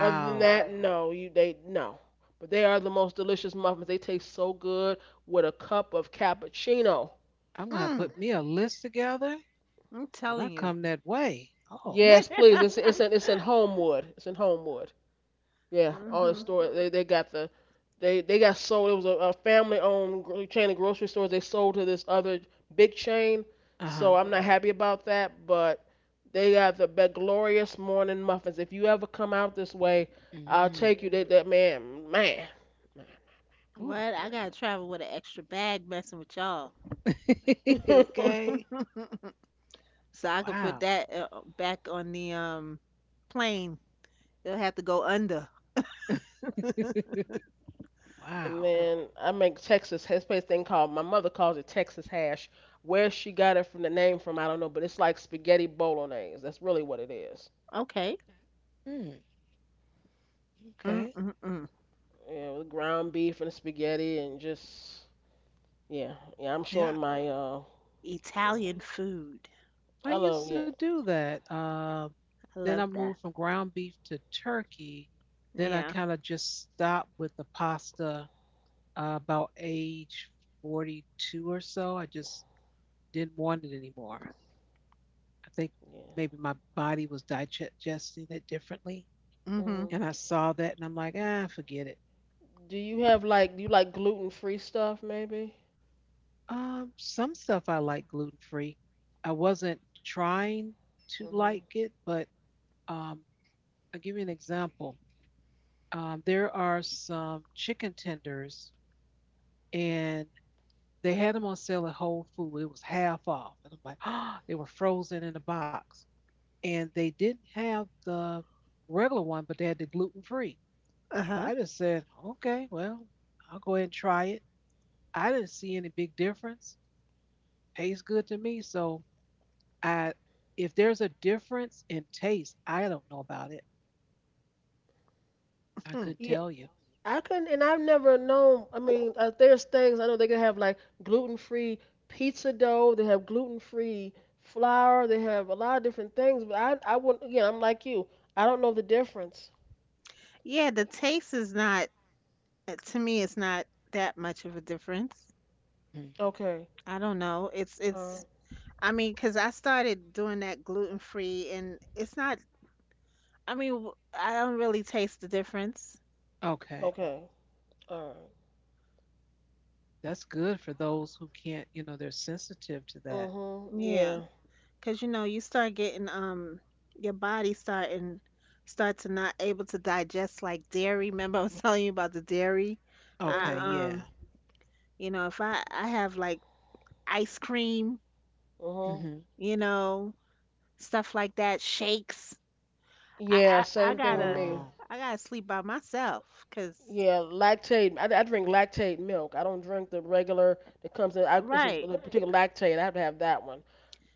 Speaker 1: Other than that, no, you they no. But they are the most delicious muffins. They taste so good with a cup of cappuccino.
Speaker 3: I'm gonna
Speaker 2: Mm.
Speaker 3: put me a list together
Speaker 2: I'm
Speaker 3: when I
Speaker 2: telling
Speaker 3: come
Speaker 2: you.
Speaker 3: that way. Oh,
Speaker 1: Yes, please. It's it's in it's in Homewood. It's in Homewood. Yeah, all the
Speaker 2: Mm-hmm.
Speaker 1: store they got the they got sold. It was a family owned gro- chain of grocery stores. They sold to this other big chain.
Speaker 3: uh
Speaker 1: So
Speaker 3: huh.
Speaker 1: I'm not happy about that, but they got the be- glorious morning muffins. If you ever come out this way, I'll
Speaker 3: Mm,
Speaker 1: take you. That that man man.
Speaker 3: ooh.
Speaker 2: What? I gotta travel with an extra bag messing with y'all.
Speaker 3: Okay.
Speaker 2: So I could
Speaker 3: Wow.
Speaker 2: put that back on the plane. They'll have to go under.
Speaker 1: And
Speaker 3: Wow.
Speaker 1: then I make Texas Headspace thing, called, my mother calls it Texas hash. Where she got it from, the name from, I don't know, but it's like spaghetti bolognese. That's really what it is.
Speaker 2: Okay.
Speaker 3: Mm,
Speaker 2: Mm,
Speaker 3: okay.
Speaker 2: mm, mm.
Speaker 1: Yeah, with ground beef and spaghetti and just yeah, yeah. I'm showing
Speaker 3: Yeah,
Speaker 1: my
Speaker 2: Italian food.
Speaker 3: I
Speaker 1: I
Speaker 3: used
Speaker 1: love
Speaker 3: to
Speaker 1: yeah,
Speaker 3: do that.
Speaker 2: I
Speaker 3: Then I
Speaker 2: love that.
Speaker 3: moved from ground beef to turkey. Then I
Speaker 2: Yeah.
Speaker 3: kind of just stopped with the pasta about age 42 or so. I just didn't want it anymore. I think
Speaker 1: yeah.
Speaker 3: maybe my body was digesting it differently.
Speaker 2: Mhm.
Speaker 1: Hmm.
Speaker 3: And I saw that and I'm like, ah, forget it.
Speaker 1: Do you have like do you like gluten free stuff maybe?
Speaker 3: Some stuff I like gluten free. I wasn't trying to
Speaker 1: Hmm.
Speaker 3: like it, but um, I'll give you an example. There are some chicken tenders, and they had them on sale at Whole Foods. It was half off. And I'm like, oh, they were frozen in a box. And they didn't have the regular one, but they had the gluten free.
Speaker 2: Uh
Speaker 3: So
Speaker 2: huh.
Speaker 3: I just said, okay, well, I'll go ahead and try it. I didn't see any big difference. Tastes good to me. So I, if there's a difference in taste, I don't know about it. I
Speaker 2: Hmm.
Speaker 3: couldn't tell you.
Speaker 1: I couldn't, and I've never known. I mean, there's things I know they can have like gluten free pizza dough. They have gluten free flour. They have a lot of different things. But I wouldn't. Again, I'm like you. I don't know the difference.
Speaker 2: Yeah, the taste is not to me. It's not that much of a difference.
Speaker 3: Mhm.
Speaker 1: Okay.
Speaker 2: I don't know. It's
Speaker 1: All
Speaker 2: it's.
Speaker 1: right.
Speaker 2: I mean, because I started doing that gluten free, and it's not. I mean, I don't really taste the difference.
Speaker 3: Okay.
Speaker 1: Okay. All right.
Speaker 3: That's good for those who can't, you know, they're sensitive to that.
Speaker 1: Mhm. Yeah.
Speaker 2: Yeah, cause you know, you start getting your body starting start to not able to digest like dairy. Remember I was telling you about the dairy? I
Speaker 3: Okay.
Speaker 1: Mhm.
Speaker 2: um
Speaker 3: Yeah.
Speaker 2: if I have like ice cream,
Speaker 1: Mhm.
Speaker 3: Mhm.
Speaker 2: you know, stuff like that, shakes. I
Speaker 1: Yeah.
Speaker 2: I, I
Speaker 1: Same thing with
Speaker 2: gotta
Speaker 1: me.
Speaker 3: Oh,
Speaker 2: I gotta sleep by myself. Cause
Speaker 1: Yeah. Lactate. I drink lactate milk. I don't drink the regular that comes in. I, it's
Speaker 2: right.
Speaker 1: a particular lactate. I have to have that one.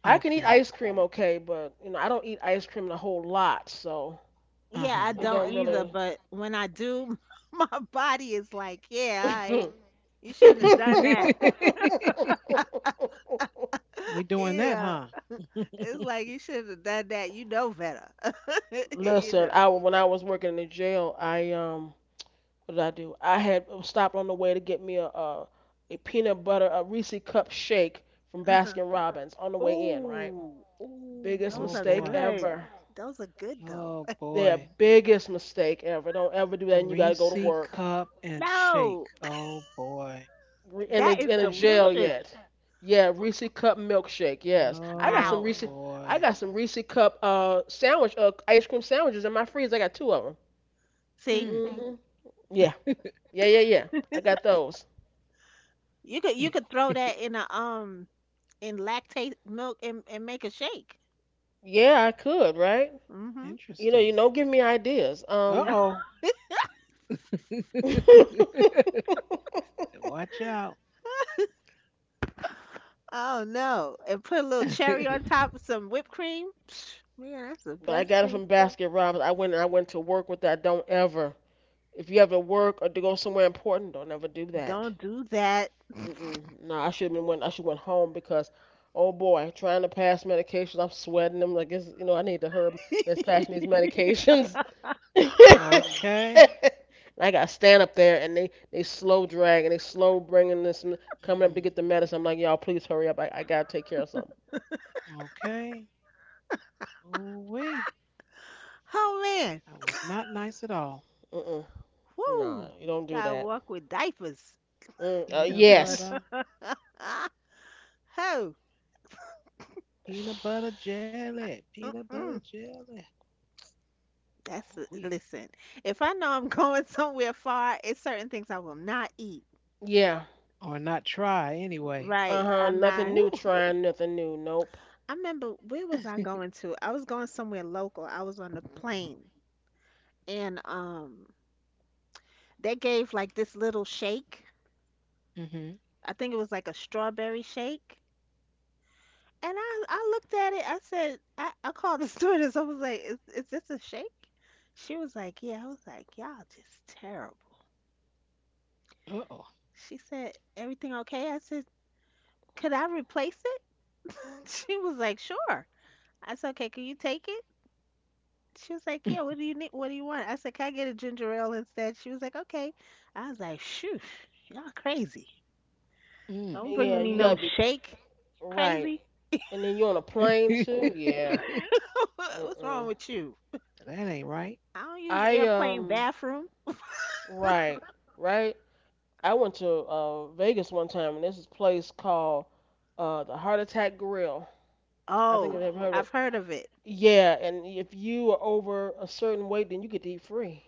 Speaker 1: I can eat
Speaker 3: okay.
Speaker 1: ice cream okay, but you know, I don't eat ice cream a whole lot, so
Speaker 3: Uh
Speaker 2: Yeah, I
Speaker 3: huh.
Speaker 1: it
Speaker 2: don't
Speaker 1: don't
Speaker 2: either,
Speaker 1: really.
Speaker 2: but when I do, my body is like, yeah, all right, you shouldn't have done that.
Speaker 3: We doing
Speaker 2: you
Speaker 3: that,
Speaker 2: know,
Speaker 3: huh?
Speaker 2: it's like you shouldn't have done that. You know better. you
Speaker 1: Listen,
Speaker 2: know.
Speaker 1: I when I was working in the jail, I what did I do? I had stopped on the way to get me a peanut butter a Reese cup shake from Baskin
Speaker 2: Uh-huh.
Speaker 1: Robbins on the way in, right?
Speaker 2: Ooh, ooh,
Speaker 1: Biggest
Speaker 3: Oh
Speaker 2: those are
Speaker 1: mistake
Speaker 3: boy.
Speaker 2: good.
Speaker 1: ever.
Speaker 2: Those are good though.
Speaker 3: Oh
Speaker 1: Their
Speaker 3: boy.
Speaker 1: biggest mistake ever. Don't ever do that, and you got to go to
Speaker 3: Reese
Speaker 1: work.
Speaker 3: cup and shake.
Speaker 2: No,
Speaker 3: Oh boy.
Speaker 1: Re-
Speaker 2: that is
Speaker 1: in the jail
Speaker 2: delicious.
Speaker 1: yet. Yeah, Reese cup milkshake. Yes, I got some
Speaker 3: Oh
Speaker 2: Wow.
Speaker 1: Reese. I
Speaker 3: boy.
Speaker 1: got some Reese cup sandwich ice cream sandwiches in my freezer. I got two of them.
Speaker 2: See,
Speaker 3: Mm,
Speaker 1: Hmm. Yeah, yeah, yeah, yeah. I got those.
Speaker 2: you could throw that in a in lactate milk and make a shake.
Speaker 1: Yeah, I could, right?
Speaker 2: Mhm.
Speaker 1: You know,
Speaker 3: interesting.
Speaker 1: you don't give me ideas.
Speaker 3: Uh oh.
Speaker 1: But
Speaker 3: Watch out.
Speaker 2: Oh no, and put a little cherry on top of some whipped cream. Psh, man, that's the
Speaker 1: I
Speaker 2: best
Speaker 1: got it
Speaker 2: thing.
Speaker 1: from Basket Robbins. I went to work with that. Don't ever. If you ever work or to go somewhere important, don't ever do that.
Speaker 2: Don't do that.
Speaker 1: Mm-mm. No, I should have been went. I should went home because, oh boy, trying to pass medications, I'm sweating them like it's you know I need to hurry. Miss passing these medications.
Speaker 3: Okay.
Speaker 1: And I got to stand up there and they slow drag and they slow bringing this m- coming up to
Speaker 3: Mm,
Speaker 1: get the medicine. I'm like y'all, please hurry up. I gotta take care of something.
Speaker 3: okay. Ooh wee.
Speaker 2: Oh man,
Speaker 3: That was not nice at all.
Speaker 1: Mm-mm. Nah,
Speaker 2: whoo!
Speaker 1: you don't do
Speaker 2: Gotta
Speaker 1: that.
Speaker 2: walk with diapers.
Speaker 1: Mm,
Speaker 3: Peanut
Speaker 1: yes.
Speaker 3: butter.
Speaker 2: Oh,
Speaker 3: Peanut butter jelly. Peanut butter
Speaker 2: mm-mm.
Speaker 3: jelly. Ooh wee.
Speaker 2: Listen. If I know I'm going somewhere far, it's certain things I will not eat.
Speaker 1: Yeah.
Speaker 3: Or not try anyway.
Speaker 1: Uh
Speaker 2: Right.
Speaker 1: huh.
Speaker 2: I'm
Speaker 1: Nothing
Speaker 2: not.
Speaker 1: new.
Speaker 3: Ooh.
Speaker 1: Trying nothing new. Nope.
Speaker 2: I remember where was I going to? I was going somewhere local. I was on a plane and they gave like this little shake.
Speaker 3: Mm-hmm.
Speaker 2: I think it was like a strawberry shake. And I looked at it. I said, I called the stewardess. I was like, is this a shake? She was like, yeah. I was like, y'all just terrible.
Speaker 3: Uh
Speaker 2: She said, everything okay? I said, could I replace it? She was like, sure. I said, okay, can you take it? She was like, yeah, what do you need? What do you want? I said, can I get a ginger ale instead? She was like, okay. I was like, shoo, y'all crazy.
Speaker 3: oh.
Speaker 2: Don't
Speaker 1: Yeah,
Speaker 2: bring me
Speaker 1: you
Speaker 2: no
Speaker 1: gotta be
Speaker 2: shake.
Speaker 1: right.
Speaker 2: Crazy.
Speaker 1: And then you on a plane
Speaker 3: Mm.
Speaker 1: too? Yeah.
Speaker 2: What's wrong
Speaker 1: Mm-mm.
Speaker 2: with you?
Speaker 3: That ain't right.
Speaker 2: I don't use
Speaker 1: I
Speaker 2: airplane bathroom.
Speaker 1: right, right. I went to Vegas one time and there's this place called the Heart Attack Grill. I think
Speaker 2: Oh,
Speaker 1: you've ever heard of
Speaker 2: I've
Speaker 1: it.
Speaker 2: heard of it.
Speaker 1: Yeah, and if you are over a certain weight, then you get to eat free.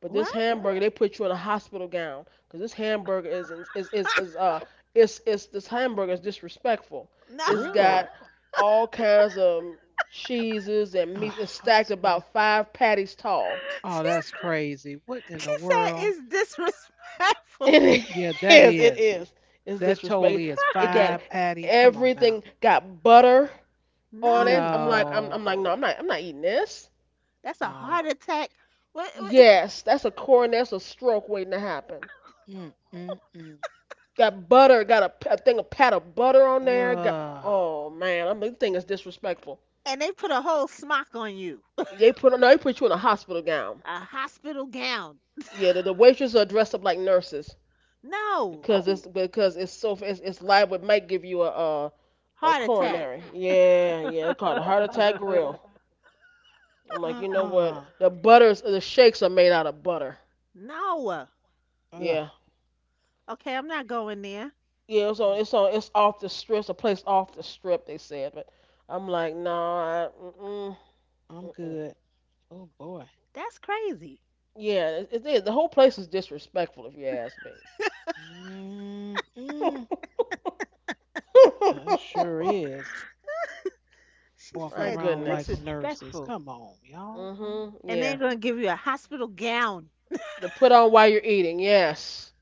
Speaker 1: But this
Speaker 2: What?
Speaker 1: hamburger, they put you in a hospital gown because this hamburger is it's this hamburger is disrespectful.
Speaker 2: No.
Speaker 1: It's got
Speaker 3: Really?
Speaker 1: all kinds of cheeses
Speaker 3: A
Speaker 1: and meat. It's stacked
Speaker 3: hospital.
Speaker 1: about five patties tall.
Speaker 3: Oh,
Speaker 2: She's,
Speaker 3: that's crazy. What in
Speaker 2: she
Speaker 3: the
Speaker 2: said
Speaker 3: world?
Speaker 2: it's disrespectful.
Speaker 1: It
Speaker 3: Yeah, that
Speaker 1: is. It
Speaker 3: is.
Speaker 1: is. It's
Speaker 3: That totally
Speaker 1: disrespectful.
Speaker 3: is
Speaker 1: It got
Speaker 3: five patties. Come on now.
Speaker 1: everything. Got butter on it.
Speaker 2: No,
Speaker 1: I'm like, I'm,
Speaker 3: No,
Speaker 1: I'm like, no, I'm not eating this.
Speaker 2: that's a
Speaker 3: no.
Speaker 2: heart attack. What?
Speaker 1: Yes, that's a corn. That's a stroke waiting to happen.
Speaker 3: Mm, mm, mm.
Speaker 1: Got butter. Got a, p- a thing, a pat of butter on there. Got.
Speaker 3: Ugh.
Speaker 1: Oh man, I'm. This thing is disrespectful.
Speaker 2: And they put a whole smock on you,
Speaker 1: They put. No, they put you in a hospital gown.
Speaker 2: a hospital gown.
Speaker 1: Yeah, the waitresses are dressed up like nurses
Speaker 2: No,
Speaker 1: because it's so it's liable. It might give you a
Speaker 2: heart attack.
Speaker 1: coronary. Yeah, yeah. It's called a heart attack grill. I'm like, you know what?
Speaker 3: Uh-uh.
Speaker 1: The butters, the shakes are made out of butter.
Speaker 2: No.
Speaker 3: Ugh.
Speaker 1: Yeah,
Speaker 2: Okay, I'm not going there.
Speaker 1: yeah.
Speaker 3: Mm,
Speaker 1: It's off the strip. It's a place off the strip. They said, but I'm like, no, I, mm-mm,
Speaker 3: I'm
Speaker 1: mm-mm.
Speaker 3: good. Oh boy.
Speaker 2: That's crazy.
Speaker 1: Yeah. The whole place is disrespectful, if you ask me.
Speaker 3: Mm, mm. That sure is.
Speaker 2: She
Speaker 3: Walking
Speaker 1: My
Speaker 2: said
Speaker 3: around like
Speaker 1: goodness.
Speaker 3: nurses.
Speaker 2: disrespectful.
Speaker 3: Come on, y'all.
Speaker 1: Mhm.
Speaker 2: And they're
Speaker 1: Yeah.
Speaker 2: going to give you a hospital gown.
Speaker 1: To put on while you're eating. Yes.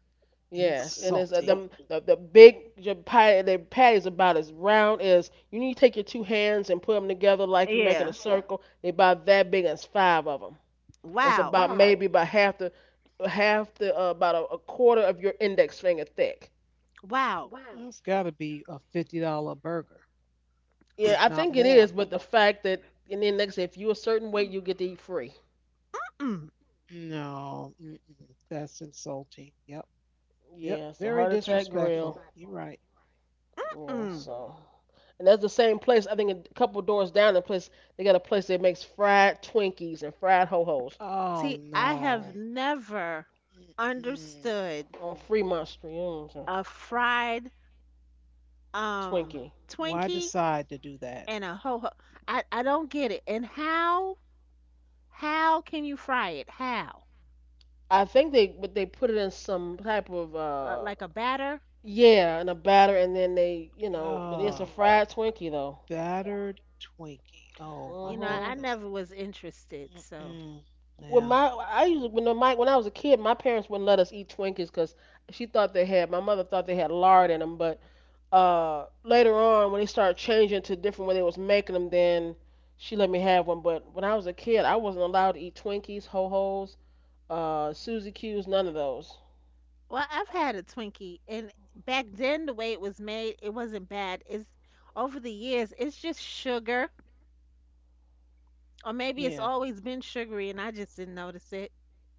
Speaker 1: Yes, and it's so
Speaker 3: Insulting.
Speaker 1: them the big your patty. The patty is about as round as you need to take your two hands and put them together like you're making a
Speaker 2: Yeah.
Speaker 1: circle. They about that big. And it's five of them. It's
Speaker 2: Wow.
Speaker 1: about wow, maybe about half the about a quarter of your index finger thick.
Speaker 2: Wow.
Speaker 3: That's got to be a $50 burger.
Speaker 1: Yeah,
Speaker 3: If
Speaker 1: I
Speaker 3: not
Speaker 1: think it is.
Speaker 3: more.
Speaker 1: But the fact that and then next, if you a certain
Speaker 2: Mm,
Speaker 1: weight, you get to eat free.
Speaker 2: mm,
Speaker 3: No, mm-mm, that's insulting. Yep, yep,
Speaker 1: Yeah, it's a
Speaker 3: very
Speaker 1: heart attack grill.
Speaker 3: disrespectful. You're right.
Speaker 1: Yeah,
Speaker 2: mm.
Speaker 1: so and that's the same place. I think a couple doors down. The place they got a place that makes fried Twinkies and fried ho hos.
Speaker 3: Oh
Speaker 2: See, I have
Speaker 3: no.
Speaker 2: never
Speaker 3: Mm-mm.
Speaker 2: understood
Speaker 1: On free monster, you know what I'm
Speaker 2: a fried
Speaker 1: saying?
Speaker 2: um
Speaker 1: Twinkie.
Speaker 3: Why
Speaker 2: Twinkie
Speaker 3: decide to do that?
Speaker 2: and a ho ho. I don't get it. And how can you fry it? How?
Speaker 1: I think they but they put it in some type of
Speaker 2: Like a batter?
Speaker 1: yeah, in a batter and then they you know but it's a
Speaker 3: Oh,
Speaker 1: fried Twinkie though.
Speaker 3: battered Twinkie. Oh
Speaker 2: You
Speaker 3: my
Speaker 2: know, I
Speaker 1: Mhm.
Speaker 3: goodness.
Speaker 2: never was interested. So,
Speaker 3: Mm-mm.
Speaker 1: When
Speaker 3: Yeah,
Speaker 1: my I usually when my when I was a kid, my parents wouldn't let us eat Twinkies because she thought they had my mother thought they had lard in them. But later on, when they started changing to different when they was making them, then she let me have one. But when I was a kid, I wasn't allowed to eat Twinkies, Ho Ho's, Suzy Q's, none of those.
Speaker 2: well, I've had a Twinkie, and back then the way it was made, it wasn't bad. It's over the years, it's just sugar, or maybe it's
Speaker 3: yeah.
Speaker 2: always been sugary, and I just didn't notice it.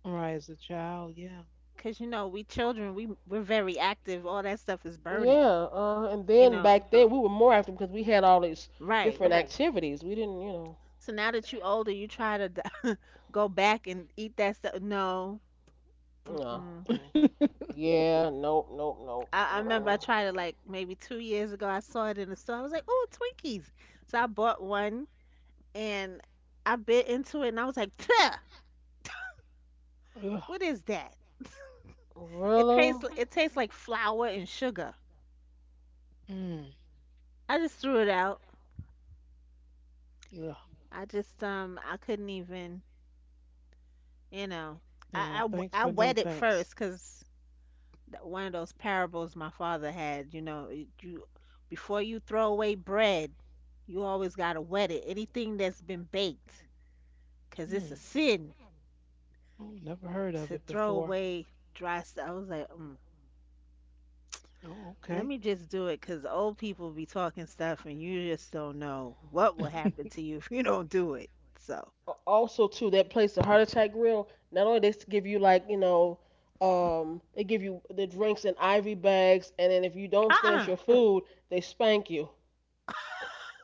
Speaker 3: Right as a child, yeah.
Speaker 2: Cause you know, we children, we're very active. All that stuff is burning,
Speaker 1: Yeah, and
Speaker 2: you
Speaker 1: then
Speaker 2: know.
Speaker 1: back then we were more active because we had all these
Speaker 2: Right.
Speaker 1: different Mhm. activities. We didn't, you know,
Speaker 2: So now that you older, you try to go back and eat that stuff. No.
Speaker 1: no.
Speaker 2: Mm-mm.
Speaker 1: Mm. Yeah, nope, nope, nope.
Speaker 2: I remember
Speaker 1: Mm-mm.
Speaker 2: I tried it like maybe 2 years ago. I saw it in the store. I was like, "Oh, Twinkies!" So I bought one and I bit into it, and I was like, "Tuh,
Speaker 3: Ugh.
Speaker 2: what is that?" It
Speaker 1: Really?
Speaker 2: tastes like flour and sugar.
Speaker 3: Mm.
Speaker 2: I just threw it out.
Speaker 3: Ugh.
Speaker 2: I just I couldn't even you know
Speaker 3: Yeah. Thanks,
Speaker 2: I
Speaker 3: but no
Speaker 2: wet it
Speaker 3: thanks.
Speaker 2: first because one of those parables my father had. You know, it- you before you throw away bread, you always gotta wet it. Anything that's been baked, 'cause it's a
Speaker 3: Mm.
Speaker 2: sin
Speaker 3: Oh, never heard of
Speaker 2: to
Speaker 3: it
Speaker 2: throw
Speaker 3: before.
Speaker 2: away dry stuff. I was like, mm,
Speaker 3: Oh,
Speaker 2: let
Speaker 3: okay.
Speaker 2: me just do it, 'cause old people be talking stuff, and you just don't know what will happen to you if you don't do it. So,
Speaker 1: A- Also, too, that place, the Heart Attack Grill, not only they s- give you like, you know, they give you the drinks in Ivy bags, and then if you don't finish
Speaker 2: uh-uh,
Speaker 1: your food, they spank you.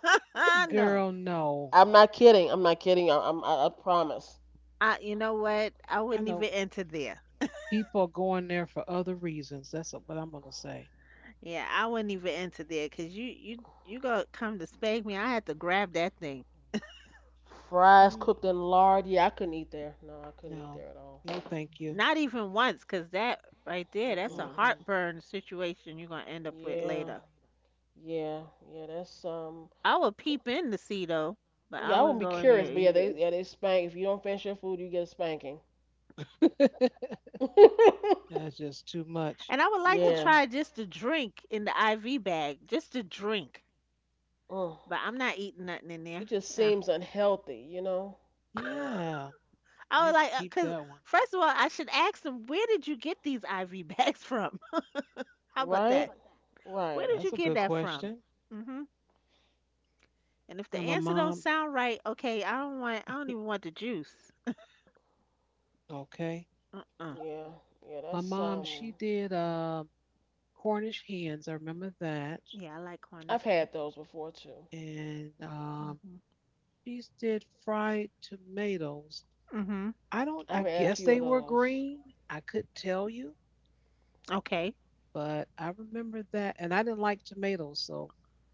Speaker 2: no.
Speaker 3: Girl, no.
Speaker 1: I'm not kidding. I'm not kidding. I promise.
Speaker 2: I, you know what? I
Speaker 3: I
Speaker 2: wouldn't
Speaker 3: know.
Speaker 2: even enter there.
Speaker 3: People are going there for other reasons. That's what I'm gonna say.
Speaker 2: Yeah, I wouldn't even enter there 'cause you gonna come to spank me. I had to grab that thing.
Speaker 1: Fries
Speaker 3: Mm,
Speaker 1: cooked in lard. Yeah, I couldn't eat there. No, I couldn't eat
Speaker 3: no,
Speaker 1: there at all.
Speaker 3: no, thank you.
Speaker 2: Not even once, cause that right there, that's a
Speaker 1: Mm-mm.
Speaker 3: Mm-mm.
Speaker 2: heartburn situation you're gonna end up with
Speaker 1: Yeah,
Speaker 2: later.
Speaker 1: yeah, yeah. That's.
Speaker 2: I would peep in to see though, but I
Speaker 1: Yeah, I wouldn't
Speaker 2: wouldn't
Speaker 1: be
Speaker 2: go in
Speaker 1: curious,
Speaker 2: there.
Speaker 1: but
Speaker 2: E-
Speaker 1: yeah they spank. If you don't finish your food, you get a spanking.
Speaker 3: That's just too much.
Speaker 2: And I would like to
Speaker 1: Yeah.
Speaker 2: try just to drink in the IV bag, just to drink.
Speaker 1: Mm.
Speaker 2: But I'm not eating nothing in there.
Speaker 1: It just
Speaker 2: No.
Speaker 1: seems unhealthy, you know?
Speaker 3: Yeah, I
Speaker 2: I would
Speaker 3: can
Speaker 2: like,
Speaker 3: keep
Speaker 2: cause
Speaker 3: that one.
Speaker 2: first of all, I should ask them, where did you get these IV bags from? How about
Speaker 1: Right?
Speaker 2: that? Where
Speaker 1: Right.
Speaker 2: did
Speaker 3: That's
Speaker 2: you
Speaker 3: a
Speaker 2: get
Speaker 3: good
Speaker 2: that from?
Speaker 3: question.
Speaker 2: Hmm. And if the
Speaker 3: Now my
Speaker 2: answer don't
Speaker 3: mom,
Speaker 2: sound right, okay, I don't even want the juice.
Speaker 3: okay,
Speaker 2: Uh-uh.
Speaker 1: Yeah. Yeah.
Speaker 3: my
Speaker 1: That's
Speaker 3: mom,
Speaker 1: um.
Speaker 3: she did Cornish hens. I remember that,
Speaker 2: Yeah, I like
Speaker 1: I've had
Speaker 2: Cornishes.
Speaker 1: those before too.
Speaker 3: and
Speaker 2: Mhm.
Speaker 3: she did fried tomatoes.
Speaker 2: Mhm.
Speaker 3: I don't. I
Speaker 1: I've had a
Speaker 3: guess
Speaker 1: few
Speaker 3: they
Speaker 1: of
Speaker 3: were
Speaker 1: those.
Speaker 3: green. I could tell you.
Speaker 2: Okay.
Speaker 3: But I remember that, and I didn't like tomatoes, so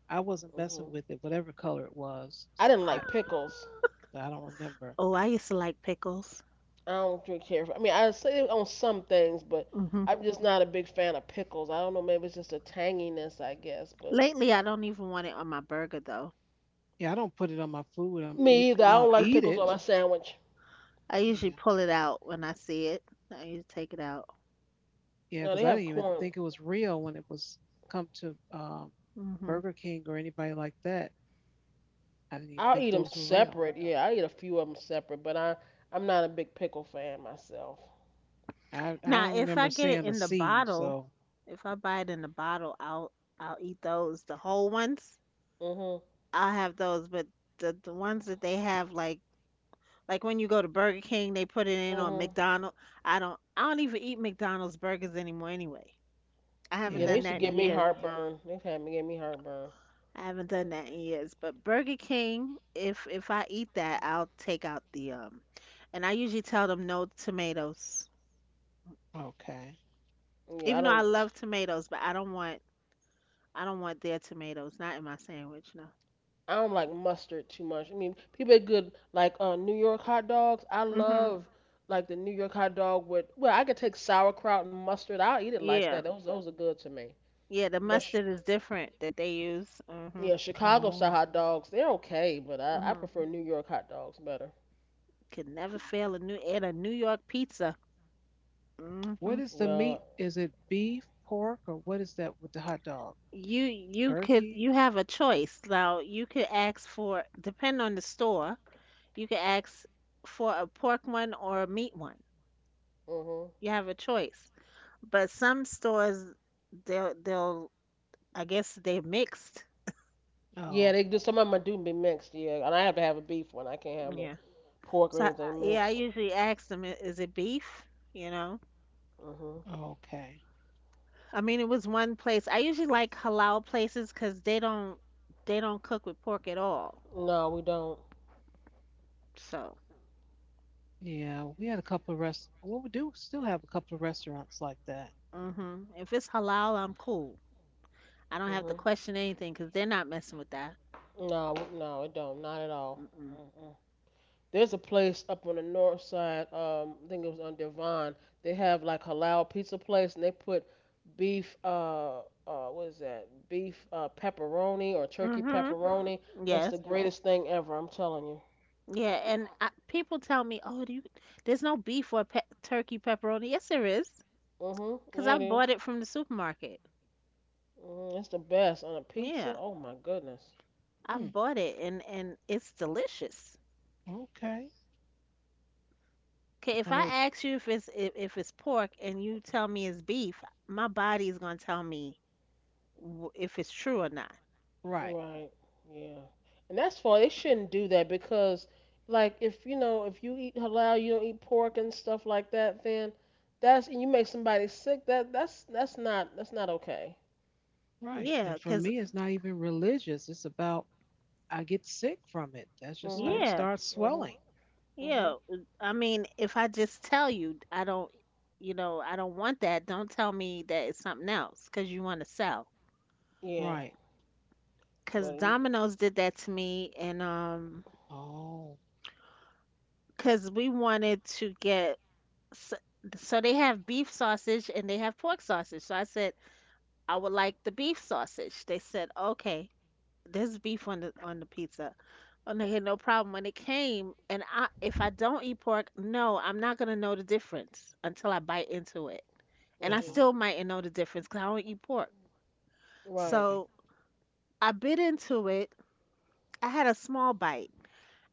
Speaker 3: I wasn't messing
Speaker 1: Mhm.
Speaker 3: with it, whatever color it was.
Speaker 1: I didn't
Speaker 3: I
Speaker 1: like pickles.
Speaker 3: I don't remember.
Speaker 2: Oh, I used to like pickles.
Speaker 1: I don't drink canned fruit. I mean, I say it on some things, but
Speaker 2: Mhm.
Speaker 1: I'm just not a big fan of pickles. I don't know, maybe it's just a tanginess, I guess, but
Speaker 2: Lately, I don't even want it on my burger though.
Speaker 3: Yeah, I don't put it on my food. I'm eat.
Speaker 1: me either. I
Speaker 3: I'll
Speaker 1: don't like
Speaker 3: eat
Speaker 1: pickles on
Speaker 3: it.
Speaker 1: my sandwich.
Speaker 2: I usually
Speaker 3: Yeah,
Speaker 2: pull it out when I see it. I usually take it out.
Speaker 3: yeah,
Speaker 1: No,
Speaker 3: because
Speaker 1: they
Speaker 3: I didn't
Speaker 1: have
Speaker 3: even
Speaker 1: corn.
Speaker 3: think it was real when it was come to
Speaker 2: Mhm.
Speaker 3: Burger King or anybody like that. I didn't even
Speaker 1: I'll
Speaker 3: think
Speaker 1: eat them
Speaker 3: those were real.
Speaker 1: separate. Yeah, I eat a few of them separate, but I I'm not a big pickle fan myself.
Speaker 3: I
Speaker 2: Now,
Speaker 3: don't
Speaker 2: if
Speaker 3: remember
Speaker 2: I get it
Speaker 3: seeing a
Speaker 2: in the
Speaker 3: seed.
Speaker 2: bottle,
Speaker 3: So
Speaker 2: if I buy it in the bottle, I'll eat those, the whole ones.
Speaker 1: Mhm.
Speaker 2: I'll have those, but the ones that they have like when you go to Burger King, they put it in or
Speaker 1: Mhm.
Speaker 2: McDonald's. I don't even eat McDonald's burgers anymore anyway. I
Speaker 1: Yeah,
Speaker 2: haven't
Speaker 1: they
Speaker 3: yeah,
Speaker 2: done
Speaker 1: used to
Speaker 2: that in
Speaker 1: give me
Speaker 2: years.
Speaker 1: heartburn. They've had me give me heartburn.
Speaker 2: I haven't done that in years, but Burger King, if I eat that, I'll take out the and I usually tell them no tomatoes.
Speaker 3: okay.
Speaker 1: Yeah, I
Speaker 2: Even though I
Speaker 1: don't.
Speaker 2: love tomatoes, but I don't want their tomatoes, not in my sandwich, no.
Speaker 1: I don't like mustard too much. I mean, people are good like New York hot dogs. I
Speaker 2: Mhm.
Speaker 1: love like the New York hot dog with well, I could take sauerkraut and mustard. I'll eat it like
Speaker 2: Yeah.
Speaker 1: that. Those are good to me.
Speaker 2: Yeah, the
Speaker 1: But sh-
Speaker 2: mustard is different that they use. Mhm.
Speaker 1: yeah, Chicago style
Speaker 3: Oh,
Speaker 1: hot dogs they're okay, but I
Speaker 2: Mhm.
Speaker 1: prefer New York hot dogs better.
Speaker 2: Could never fail a new and a New York pizza.
Speaker 3: what
Speaker 2: Mhm.
Speaker 3: is the meat?
Speaker 1: Well,
Speaker 3: Is it beef, pork, or what is that with the hot dog?
Speaker 2: You could
Speaker 3: Turkey?
Speaker 2: you have a choice. Now you could ask for depend on the store. You can ask for a pork one or a meat one.
Speaker 1: mhm.
Speaker 2: You have a choice. But some stores they'll I guess they're mixed.
Speaker 1: Yeah,
Speaker 3: Oh,
Speaker 1: they do. Some of them do be mixed. Yeah, and I have to have a beef one. I can't have the
Speaker 2: Yeah.
Speaker 1: pork or
Speaker 2: So I,
Speaker 1: anything
Speaker 2: yeah, I
Speaker 1: mixed.
Speaker 2: usually ask them, "I- "is it beef? You know.
Speaker 1: Mhm.
Speaker 3: okay.
Speaker 2: I mean, it was one place. I usually like halal places because they don't cook with pork at all.
Speaker 1: No, we don't.
Speaker 2: So,
Speaker 3: Yeah, we had a couple of rest. Well, we do still have a couple of restaurants like that.
Speaker 2: hmm, if it's halal, I'm cool. I don't have
Speaker 1: Mhm.
Speaker 2: to question anything because 'cause they're not messing with that.
Speaker 1: No, no, it don't. Not at all.
Speaker 2: Mm-mm.
Speaker 1: Mm-mm. There's a place up on the north side. I think it was on Devon. They have like halal pizza place, and they put beef. What is that? Beef pepperoni or turkey
Speaker 2: Hmm.
Speaker 1: pepperoni. It's the
Speaker 2: Yes.
Speaker 1: greatest thing ever. I'm telling you.
Speaker 2: Yeah, and I, people tell me, "Oh, there's no beef for pe turkey pepperoni." Yes, there is,
Speaker 1: Mhm. Yeah,
Speaker 2: because
Speaker 1: it
Speaker 2: I've
Speaker 1: is.
Speaker 2: bought it from the supermarket.
Speaker 1: Mhm. It's the best on a pizza.
Speaker 2: Yeah,
Speaker 1: Oh my goodness.
Speaker 3: Hmm.
Speaker 2: I've bought it, and it's delicious.
Speaker 3: Okay.
Speaker 2: Okay, if
Speaker 3: I
Speaker 2: I
Speaker 3: know.
Speaker 2: ask you if it's if it's pork and you tell me it's beef, my body is gonna tell me w if it's true or not.
Speaker 3: Right.
Speaker 1: Right. Yeah. And that's fine. They shouldn't do that because, like, if you know, if you eat halal, you don't eat pork and stuff like that, then that's and you make somebody sick. That's not okay.
Speaker 3: Right. And
Speaker 2: Yeah,
Speaker 3: for
Speaker 2: 'cause
Speaker 3: me, it's not even religious. It's about I get sick from it. That's just I
Speaker 1: Mhm.
Speaker 2: yeah,
Speaker 3: start
Speaker 1: Mhm.
Speaker 3: swelling.
Speaker 2: yeah.
Speaker 1: Mhm.
Speaker 2: I mean, if I just tell you I don't want that, don't tell me that it's something else, 'cause you want to sell.
Speaker 1: Yeah.
Speaker 3: Right.
Speaker 1: But
Speaker 2: Cause
Speaker 1: you,
Speaker 2: Domino's did that to me, and
Speaker 3: Oh.
Speaker 2: cause we wanted to get s- so they have beef sausage and they have pork sausage. So I said I would like the beef sausage. They said okay, there's beef on the pizza, and they had no problem when it came. And I, if I don't eat pork, no, I'm not gonna know the difference until I bite into it,
Speaker 3: Uh
Speaker 2: and I
Speaker 1: mhm.
Speaker 3: huh.
Speaker 2: still mightn't know the difference because I don't eat pork.
Speaker 1: Right.
Speaker 3: Okay.
Speaker 2: So I bit into it. I had a small bite.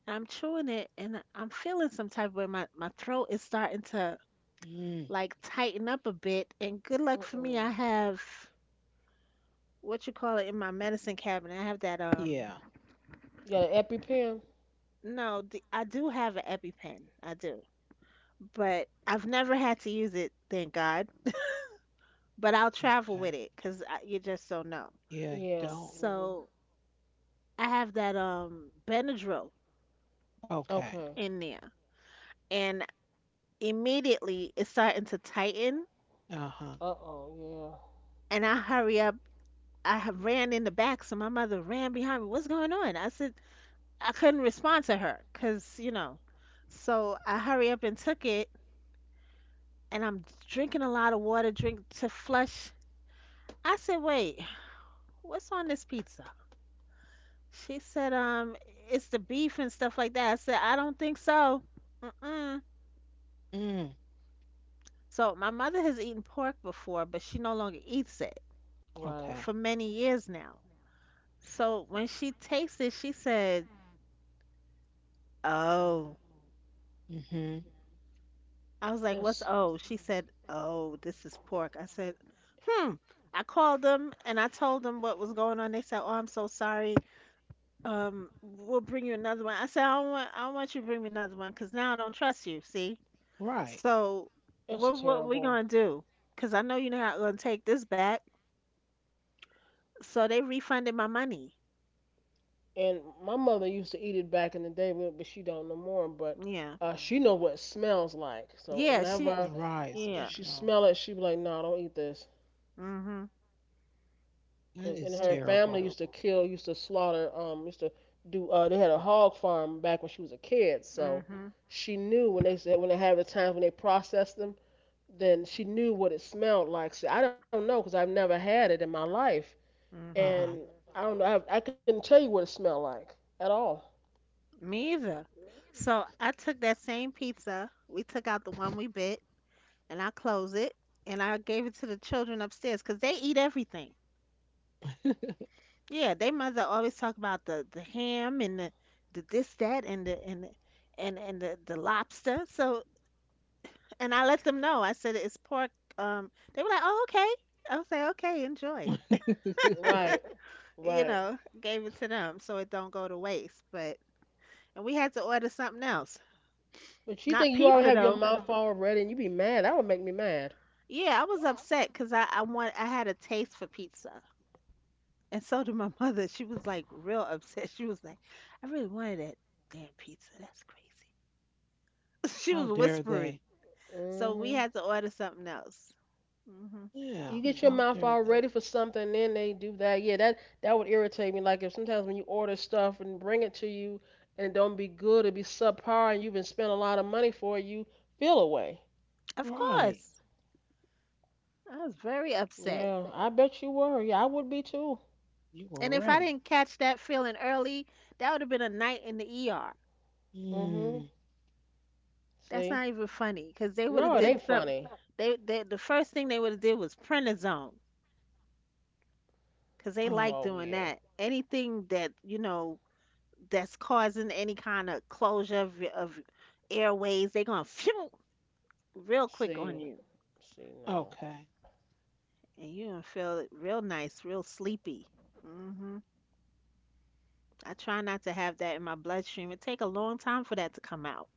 Speaker 2: I'm chewing it and I'm feeling some type of way. My throat is starting to
Speaker 3: Mm.
Speaker 2: like tighten up a bit. And good luck for me,
Speaker 1: Mm-mm.
Speaker 2: I have what you call it in my medicine cabinet. I have that
Speaker 3: Yeah.
Speaker 1: You got an EpiPen?
Speaker 2: no, the, I do have an EpiPen. I do. But I've never had to use it, thank God. But I'll travel
Speaker 3: Okay.
Speaker 2: with it, cause you just don't know.
Speaker 3: Yeah. You
Speaker 1: Yeah.
Speaker 3: don't.
Speaker 1: Mhm.
Speaker 2: So I have that Benadryl
Speaker 3: Okay.
Speaker 1: Okay.
Speaker 2: in there, and immediately it's starting to tighten,
Speaker 3: Uh huh.
Speaker 1: Uh-oh. Yeah.
Speaker 2: and I hurry up I had ran in the back, so my mother ran behind me. What's going on? I said I couldn't respond to her because you know. So I hurry up and took it, and I'm drinking a lot of water, drink to flush. I said, wait, what's on this pizza? She said, it's the beef and stuff like that. I said, I don't think so. Mm-mm.
Speaker 3: Mm.
Speaker 2: So my mother has eaten pork before, but she no longer eats it
Speaker 1: Right.
Speaker 3: Okay.
Speaker 2: for many years now. So when she tastes it, she said, oh.
Speaker 3: Mm-hmm.
Speaker 2: I was like, what's
Speaker 1: It's
Speaker 2: oh? She said, oh, this is pork. I said, hmm. I called them and I told them what was going on. They said, oh, I'm so sorry. We'll bring you another one. I said, I don't want you to bring me another one because now I don't trust you. See?
Speaker 3: Right.
Speaker 2: So
Speaker 1: it's
Speaker 2: what we
Speaker 1: terrible.
Speaker 2: gonna do? Because I know you're not gonna take this back. So they refunded my money.
Speaker 1: And my mother used to eat it back in the day, but she don't no more. But
Speaker 2: Yeah.
Speaker 1: she know what it smells like. So
Speaker 2: Yeah. She.
Speaker 3: Right. So
Speaker 1: if
Speaker 2: Yeah.
Speaker 3: she
Speaker 1: she
Speaker 3: knows
Speaker 1: smell it, she be like, "No, don't eat this."
Speaker 2: Mm-hmm.
Speaker 3: that
Speaker 1: Cause in
Speaker 3: is
Speaker 1: her family
Speaker 3: terrible.
Speaker 1: used to kill, used to slaughter, used to do. They had a hog farm back when she was a kid, so
Speaker 2: Mm-hmm.
Speaker 1: she knew when they said when they had the times when they processed them, then she knew what it smelled like. See, I don't know, cause I've never had it in my life, and
Speaker 2: Mm-hmm.
Speaker 3: Uh
Speaker 1: I don't know. I couldn't tell you what it smelled like at all.
Speaker 2: Me either. So I took that same pizza. We took out the one we bit and I close it and I gave it to the children upstairs because they eat everything.
Speaker 3: huh.
Speaker 2: Yeah, they mother always talk about the ham and the this that and the and the- and the lobster. So and I let them know. I said it's pork. They were like, oh okay. I was like, okay, enjoy.
Speaker 1: Right,
Speaker 2: You
Speaker 1: right.
Speaker 2: know, gave it to them so it don't go to waste. But and we had to order something else.
Speaker 1: But you
Speaker 2: Not
Speaker 1: think you already
Speaker 2: pizza
Speaker 1: have your
Speaker 2: though.
Speaker 1: mouth all ready and you be mad. That would make me mad.
Speaker 2: Yeah, I was upset because I had a taste for pizza. And so did my mother. She was like real upset. She was like, I really wanted that damn pizza. That's crazy. She
Speaker 3: How
Speaker 2: was
Speaker 3: dare
Speaker 2: whispering.
Speaker 3: they?
Speaker 2: So we
Speaker 1: Hmm.
Speaker 2: had to order something else. Hmm.
Speaker 3: Yeah,
Speaker 1: You get your
Speaker 3: how
Speaker 1: mouth
Speaker 3: dare
Speaker 1: all
Speaker 3: they?
Speaker 1: ready for something and then they do that. Yeah, that would irritate me. Like if sometimes when you order stuff and bring it to you and it don't be good, it be subpar and you've been spent a lot of money for it, you feel away.
Speaker 2: Of
Speaker 3: Right.
Speaker 2: course. I was very upset.
Speaker 1: Yeah, I bet you were. Yeah, I would be too.
Speaker 3: You
Speaker 2: And
Speaker 3: were
Speaker 2: if I
Speaker 3: ready.
Speaker 2: didn't catch that feeling early, that would have been a night in the ER.
Speaker 1: Hmm.
Speaker 3: Mm.
Speaker 2: That's
Speaker 1: See?
Speaker 2: not even funny because they would
Speaker 1: No,
Speaker 2: have
Speaker 1: it
Speaker 2: did
Speaker 1: ain't
Speaker 2: something.
Speaker 1: funny.
Speaker 2: The first thing they would have did was prednisone because they like
Speaker 3: Oh,
Speaker 1: Oh
Speaker 2: doing
Speaker 1: yeah.
Speaker 2: that. Anything that that's causing any kind of closure of airways, they're gonna phew real quick on
Speaker 1: See.
Speaker 2: you,
Speaker 1: See, no.
Speaker 3: okay.
Speaker 2: and you're gonna feel it real nice, real sleepy. hmm I try not to have that in my bloodstream. It take a long time for that to come out.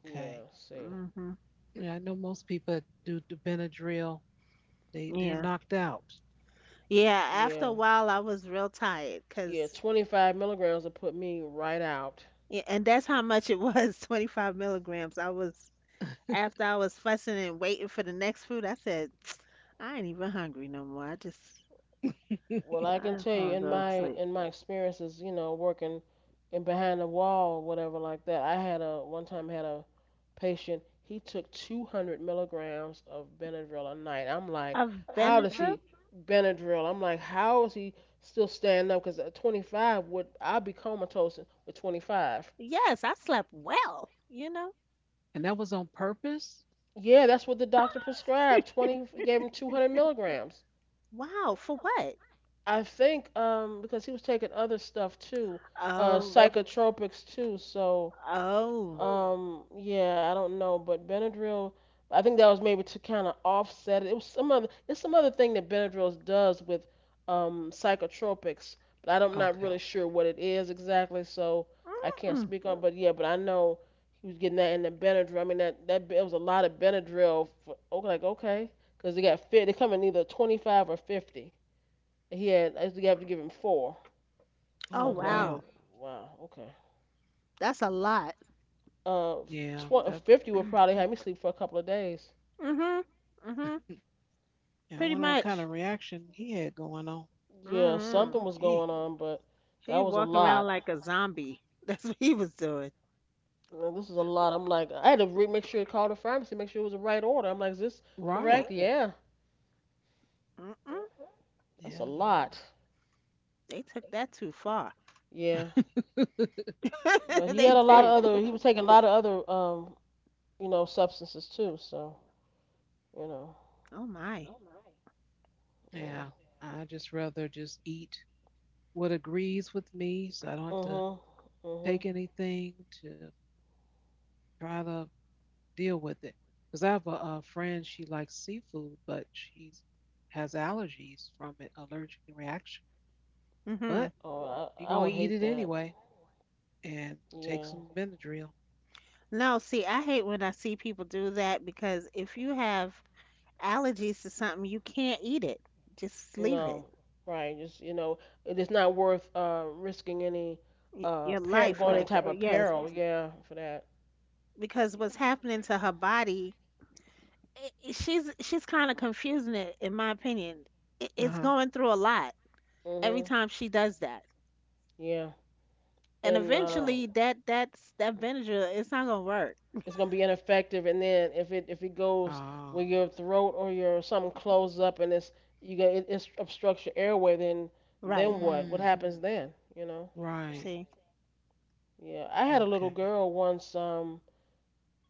Speaker 1: Yeah, see.
Speaker 2: hmm
Speaker 3: Yeah, I know most people do the Benadryl. They they're
Speaker 2: Yeah,
Speaker 3: knocked out.
Speaker 2: yeah. After
Speaker 1: Yeah.
Speaker 2: a while, I was real tired,
Speaker 1: Yeah,
Speaker 2: cause
Speaker 1: 25 milligrams will put me right out.
Speaker 2: yeah, and that's how much it was, 25 milligrams. I was after I was fussing and waiting for the next food. I said, I ain't even hungry no more.
Speaker 3: And
Speaker 1: Well, I can
Speaker 2: I
Speaker 1: tell
Speaker 2: just
Speaker 1: you
Speaker 2: wanna
Speaker 1: in
Speaker 2: go to
Speaker 1: my
Speaker 2: sleep.
Speaker 1: in my experiences, you know, working in behind the wall, whatever like that. I had a one time had a patient. He took 200 milligrams of Benadryl a night. I'm like,
Speaker 2: Of
Speaker 1: how does
Speaker 2: Benadryl?
Speaker 1: he Benadryl? I'm like, how is he still standing up? Because at 25 would I'll be comatose with 25.
Speaker 2: Yes, I slept well, you know.
Speaker 3: that was on purpose?
Speaker 1: Yeah, that's what the doctor prescribed. 20 gave him 200 milligrams.
Speaker 2: Wow, for what?
Speaker 1: I think because he was taking other stuff too, okay,
Speaker 2: Oh,
Speaker 1: psychotropics too. So mhm.
Speaker 2: oh.
Speaker 1: Yeah, I don't know, but Benadryl. I think that was maybe to kind of offset it. It was some other. It's some other thing that Benadryl does with psychotropics, but I'm not
Speaker 3: Okay.
Speaker 1: really sure what it is exactly. So I can't
Speaker 2: Mm-mm.
Speaker 1: speak on. But yeah, but I know he was getting that in the Benadryl. I mean that it was a lot of Benadryl for okay, like okay, because they got fit. They come in either 25 or 50. He had I think you have to give him four. So
Speaker 2: Oh,
Speaker 3: Oh
Speaker 1: I'm wow, like,
Speaker 2: wow.
Speaker 3: wow.
Speaker 1: wow, okay.
Speaker 2: That's a lot.
Speaker 1: Uh,
Speaker 3: Yeah.
Speaker 1: twenty
Speaker 3: That
Speaker 1: fifty would probably have me sleep for a couple of days.
Speaker 2: Mm-hmm. Mm-hmm.
Speaker 3: yeah, I
Speaker 2: Pretty
Speaker 3: wonder what kind of
Speaker 2: much.
Speaker 3: reaction he had going on.
Speaker 1: Yeah,
Speaker 2: Mm-hmm.
Speaker 1: something was
Speaker 3: Gee.
Speaker 1: going on, but
Speaker 2: He
Speaker 1: that
Speaker 2: was
Speaker 1: was a
Speaker 2: walking around
Speaker 1: lot.
Speaker 2: like a zombie. That's what he was doing.
Speaker 1: This is a lot. I'm like, I had to make sure to call the pharmacy, make sure it was the right order. I'm like, is this
Speaker 3: Right.
Speaker 1: correct? Right. Yeah,
Speaker 2: Mm-mm.
Speaker 1: that's a
Speaker 3: Yeah.
Speaker 1: lot.
Speaker 2: They took that too far.
Speaker 1: Yeah, but he
Speaker 2: They
Speaker 1: had a lot of
Speaker 2: did.
Speaker 1: other. He was taking a lot of other, you know, substances too. So you know,
Speaker 2: Oh my.
Speaker 3: yeah.
Speaker 1: yeah.
Speaker 3: I just rather just eat what agrees with me so I don't have to
Speaker 1: Mhm.
Speaker 3: take
Speaker 1: Mhm.
Speaker 3: anything to try to deal with it. Because I have a friend, she likes seafood, but she has allergies from it, allergic reaction.
Speaker 2: Mm-hmm.
Speaker 3: But
Speaker 1: Oh, wow.
Speaker 3: she
Speaker 1: I would
Speaker 3: gonna eat
Speaker 1: hate
Speaker 3: it
Speaker 1: that.
Speaker 3: anyway and take
Speaker 1: Yeah.
Speaker 3: some Benadryl.
Speaker 2: No, see, I hate when I see people do that because if you have allergies to something, you can't eat it. Just leave
Speaker 1: No,
Speaker 2: it.
Speaker 1: right. Just you know, it is not worth risking any
Speaker 2: Your
Speaker 1: per
Speaker 2: life
Speaker 1: going any
Speaker 2: like
Speaker 1: type
Speaker 2: that.
Speaker 1: of
Speaker 2: Yes,
Speaker 1: peril. Yeah, for that.
Speaker 2: because what's happening to her body, she's kind of confusing it, in my opinion. It's
Speaker 3: Uh-huh.
Speaker 2: going through a lot every
Speaker 1: Mhm.
Speaker 2: time she does that,
Speaker 1: Yeah,
Speaker 2: and
Speaker 1: and
Speaker 2: eventually that's that vinegar. It's not gonna work.
Speaker 1: it's gonna be ineffective. And then if it goes
Speaker 3: Ah,
Speaker 1: where your throat or your something closes up and it's you get it, it obstructs your airway,
Speaker 2: Right.
Speaker 1: then what? What
Speaker 3: mm,
Speaker 1: happens then? You know?
Speaker 3: right.
Speaker 2: See.
Speaker 1: Yeah, I had a little
Speaker 3: Okay.
Speaker 1: girl once.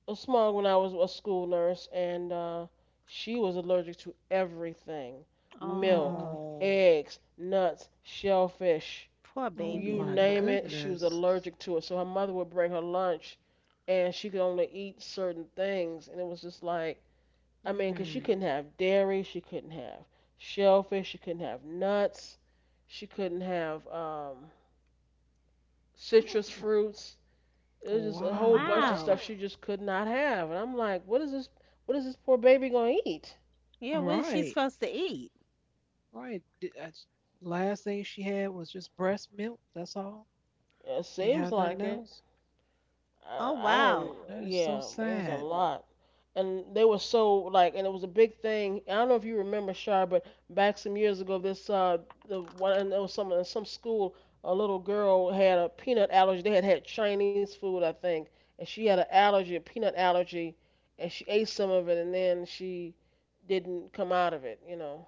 Speaker 1: A small when I was a school nurse, and she was allergic to everything: milk,
Speaker 2: Oh,
Speaker 3: Oh,
Speaker 1: eggs, nuts, shellfish.
Speaker 2: poor
Speaker 3: oh
Speaker 2: baby.
Speaker 1: You
Speaker 3: my
Speaker 1: name it, she was
Speaker 3: goodness.
Speaker 1: allergic to it. So her mother would bring her lunch, and she could only eat certain things. And it was just like, I mean, 'cause she
Speaker 3: Mm,
Speaker 1: couldn't have dairy, she couldn't have shellfish, she couldn't have nuts, she couldn't have citrus fruits. It was just a whole
Speaker 3: wow.
Speaker 1: bunch of
Speaker 2: Wow.
Speaker 1: stuff she just could not have, and I'm like, what is this? What is this poor baby gonna eat?
Speaker 3: All
Speaker 2: Yeah. What is she
Speaker 3: right.
Speaker 2: supposed to eat?
Speaker 3: All right. D- that's- last thing she had was just breast milk. That's all.
Speaker 1: It
Speaker 3: Can't
Speaker 1: seems
Speaker 3: have nothing
Speaker 1: like it.
Speaker 3: else.
Speaker 2: Oh
Speaker 1: I don't.
Speaker 2: wow.
Speaker 3: That is so
Speaker 1: Yeah, but it was a
Speaker 3: sad.
Speaker 1: lot, and they were so like, and it was a big thing. I don't know if you remember Shar, but back some years ago, this the one and there was some in some school, a little girl had a peanut allergy. They had had Chinese food, I think, and she had an allergy, a peanut allergy, and she ate some of it, and then she didn't come out of it, you know.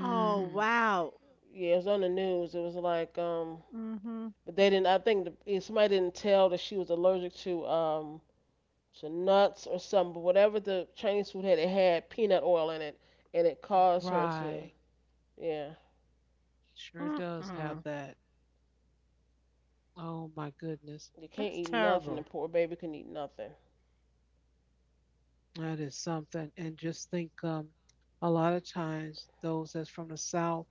Speaker 2: Oh wow.
Speaker 1: Yeah, it was on the news. It was like
Speaker 2: Mhm.
Speaker 1: but they didn't. I think the, yeah, somebody didn't tell that she was allergic to nuts or something. But whatever the Chinese food had, it had peanut oil in it, and it caused her to
Speaker 3: right.
Speaker 1: yeah.
Speaker 3: Sure does have
Speaker 2: Mm-mm.
Speaker 3: that. Oh my goodness.
Speaker 1: You can't
Speaker 2: That's
Speaker 1: eat nothing. The
Speaker 2: terrible.
Speaker 1: poor baby couldn't eat nothing.
Speaker 3: That is something. And just think a lot of times those that's from the South,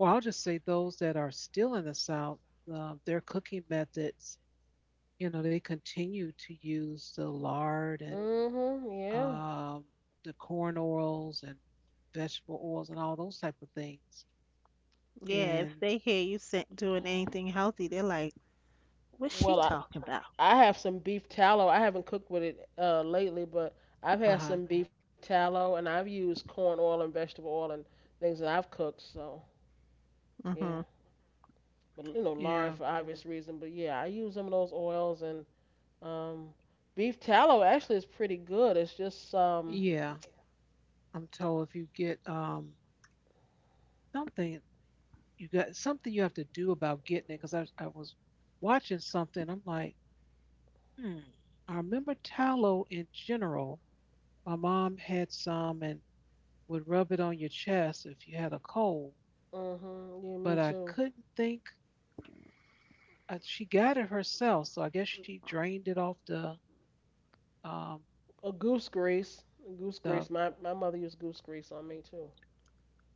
Speaker 3: or I'll just say those that are still in the South, their cooking methods, you know, they continue to use the lard and
Speaker 1: Mhm. Yeah.
Speaker 3: um, the corn oils and vegetable oils and all those type of things.
Speaker 2: Yeah, if
Speaker 3: And
Speaker 2: they hear you doing anything healthy, they're like, what's she
Speaker 1: Well,
Speaker 2: talking about?
Speaker 1: I have some beef tallow. I haven't cooked with it lately, but I've
Speaker 3: uh
Speaker 1: had
Speaker 3: huh.
Speaker 1: some beef tallow, and I've used corn oil and vegetable oil and things that I've cooked. So yeah.
Speaker 2: Mm-hmm.
Speaker 1: But you know lard
Speaker 3: Yeah.
Speaker 1: for obvious reason. But yeah, I use some of those oils and um, beef tallow actually is pretty good. It's just
Speaker 3: Yeah. I'm told if you get something, you got something you have to do about getting it. Because I was watching something, I'm like, hmm. I remember tallow in general. My mom had some and would rub it on your chest if you had a cold.
Speaker 1: hmm, yeah, me
Speaker 3: But I
Speaker 1: too.
Speaker 3: couldn't think. She got it herself, so I guess she drained it off the um,
Speaker 1: A goose grease, goose grease.
Speaker 3: stuff.
Speaker 1: My mother used goose grease on me too.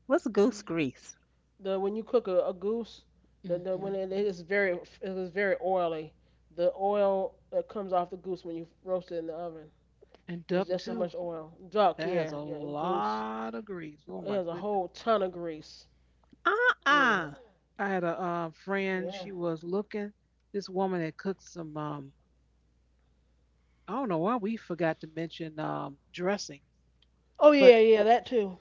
Speaker 2: What's goose
Speaker 3: Mm-hmm.
Speaker 2: grease?
Speaker 1: The when you cook a goose, the when it is very oily. The oil that comes off the goose when you roast it in the oven.
Speaker 3: And
Speaker 1: It's
Speaker 3: duck
Speaker 1: just so
Speaker 3: too.
Speaker 1: much oil. Duck,
Speaker 3: That has
Speaker 1: yeah,
Speaker 3: a
Speaker 1: yeah, goose.
Speaker 3: lot of grease. Oh
Speaker 1: It
Speaker 3: my
Speaker 1: has a
Speaker 3: goodness.
Speaker 1: whole ton of grease. Yeah,
Speaker 2: Uh-uh.
Speaker 3: I had a friend.
Speaker 1: yeah.
Speaker 3: She was looking this woman that cooked some. I don't know why we forgot to mention dressing,
Speaker 1: Oh
Speaker 3: but
Speaker 1: yeah, yeah, that too.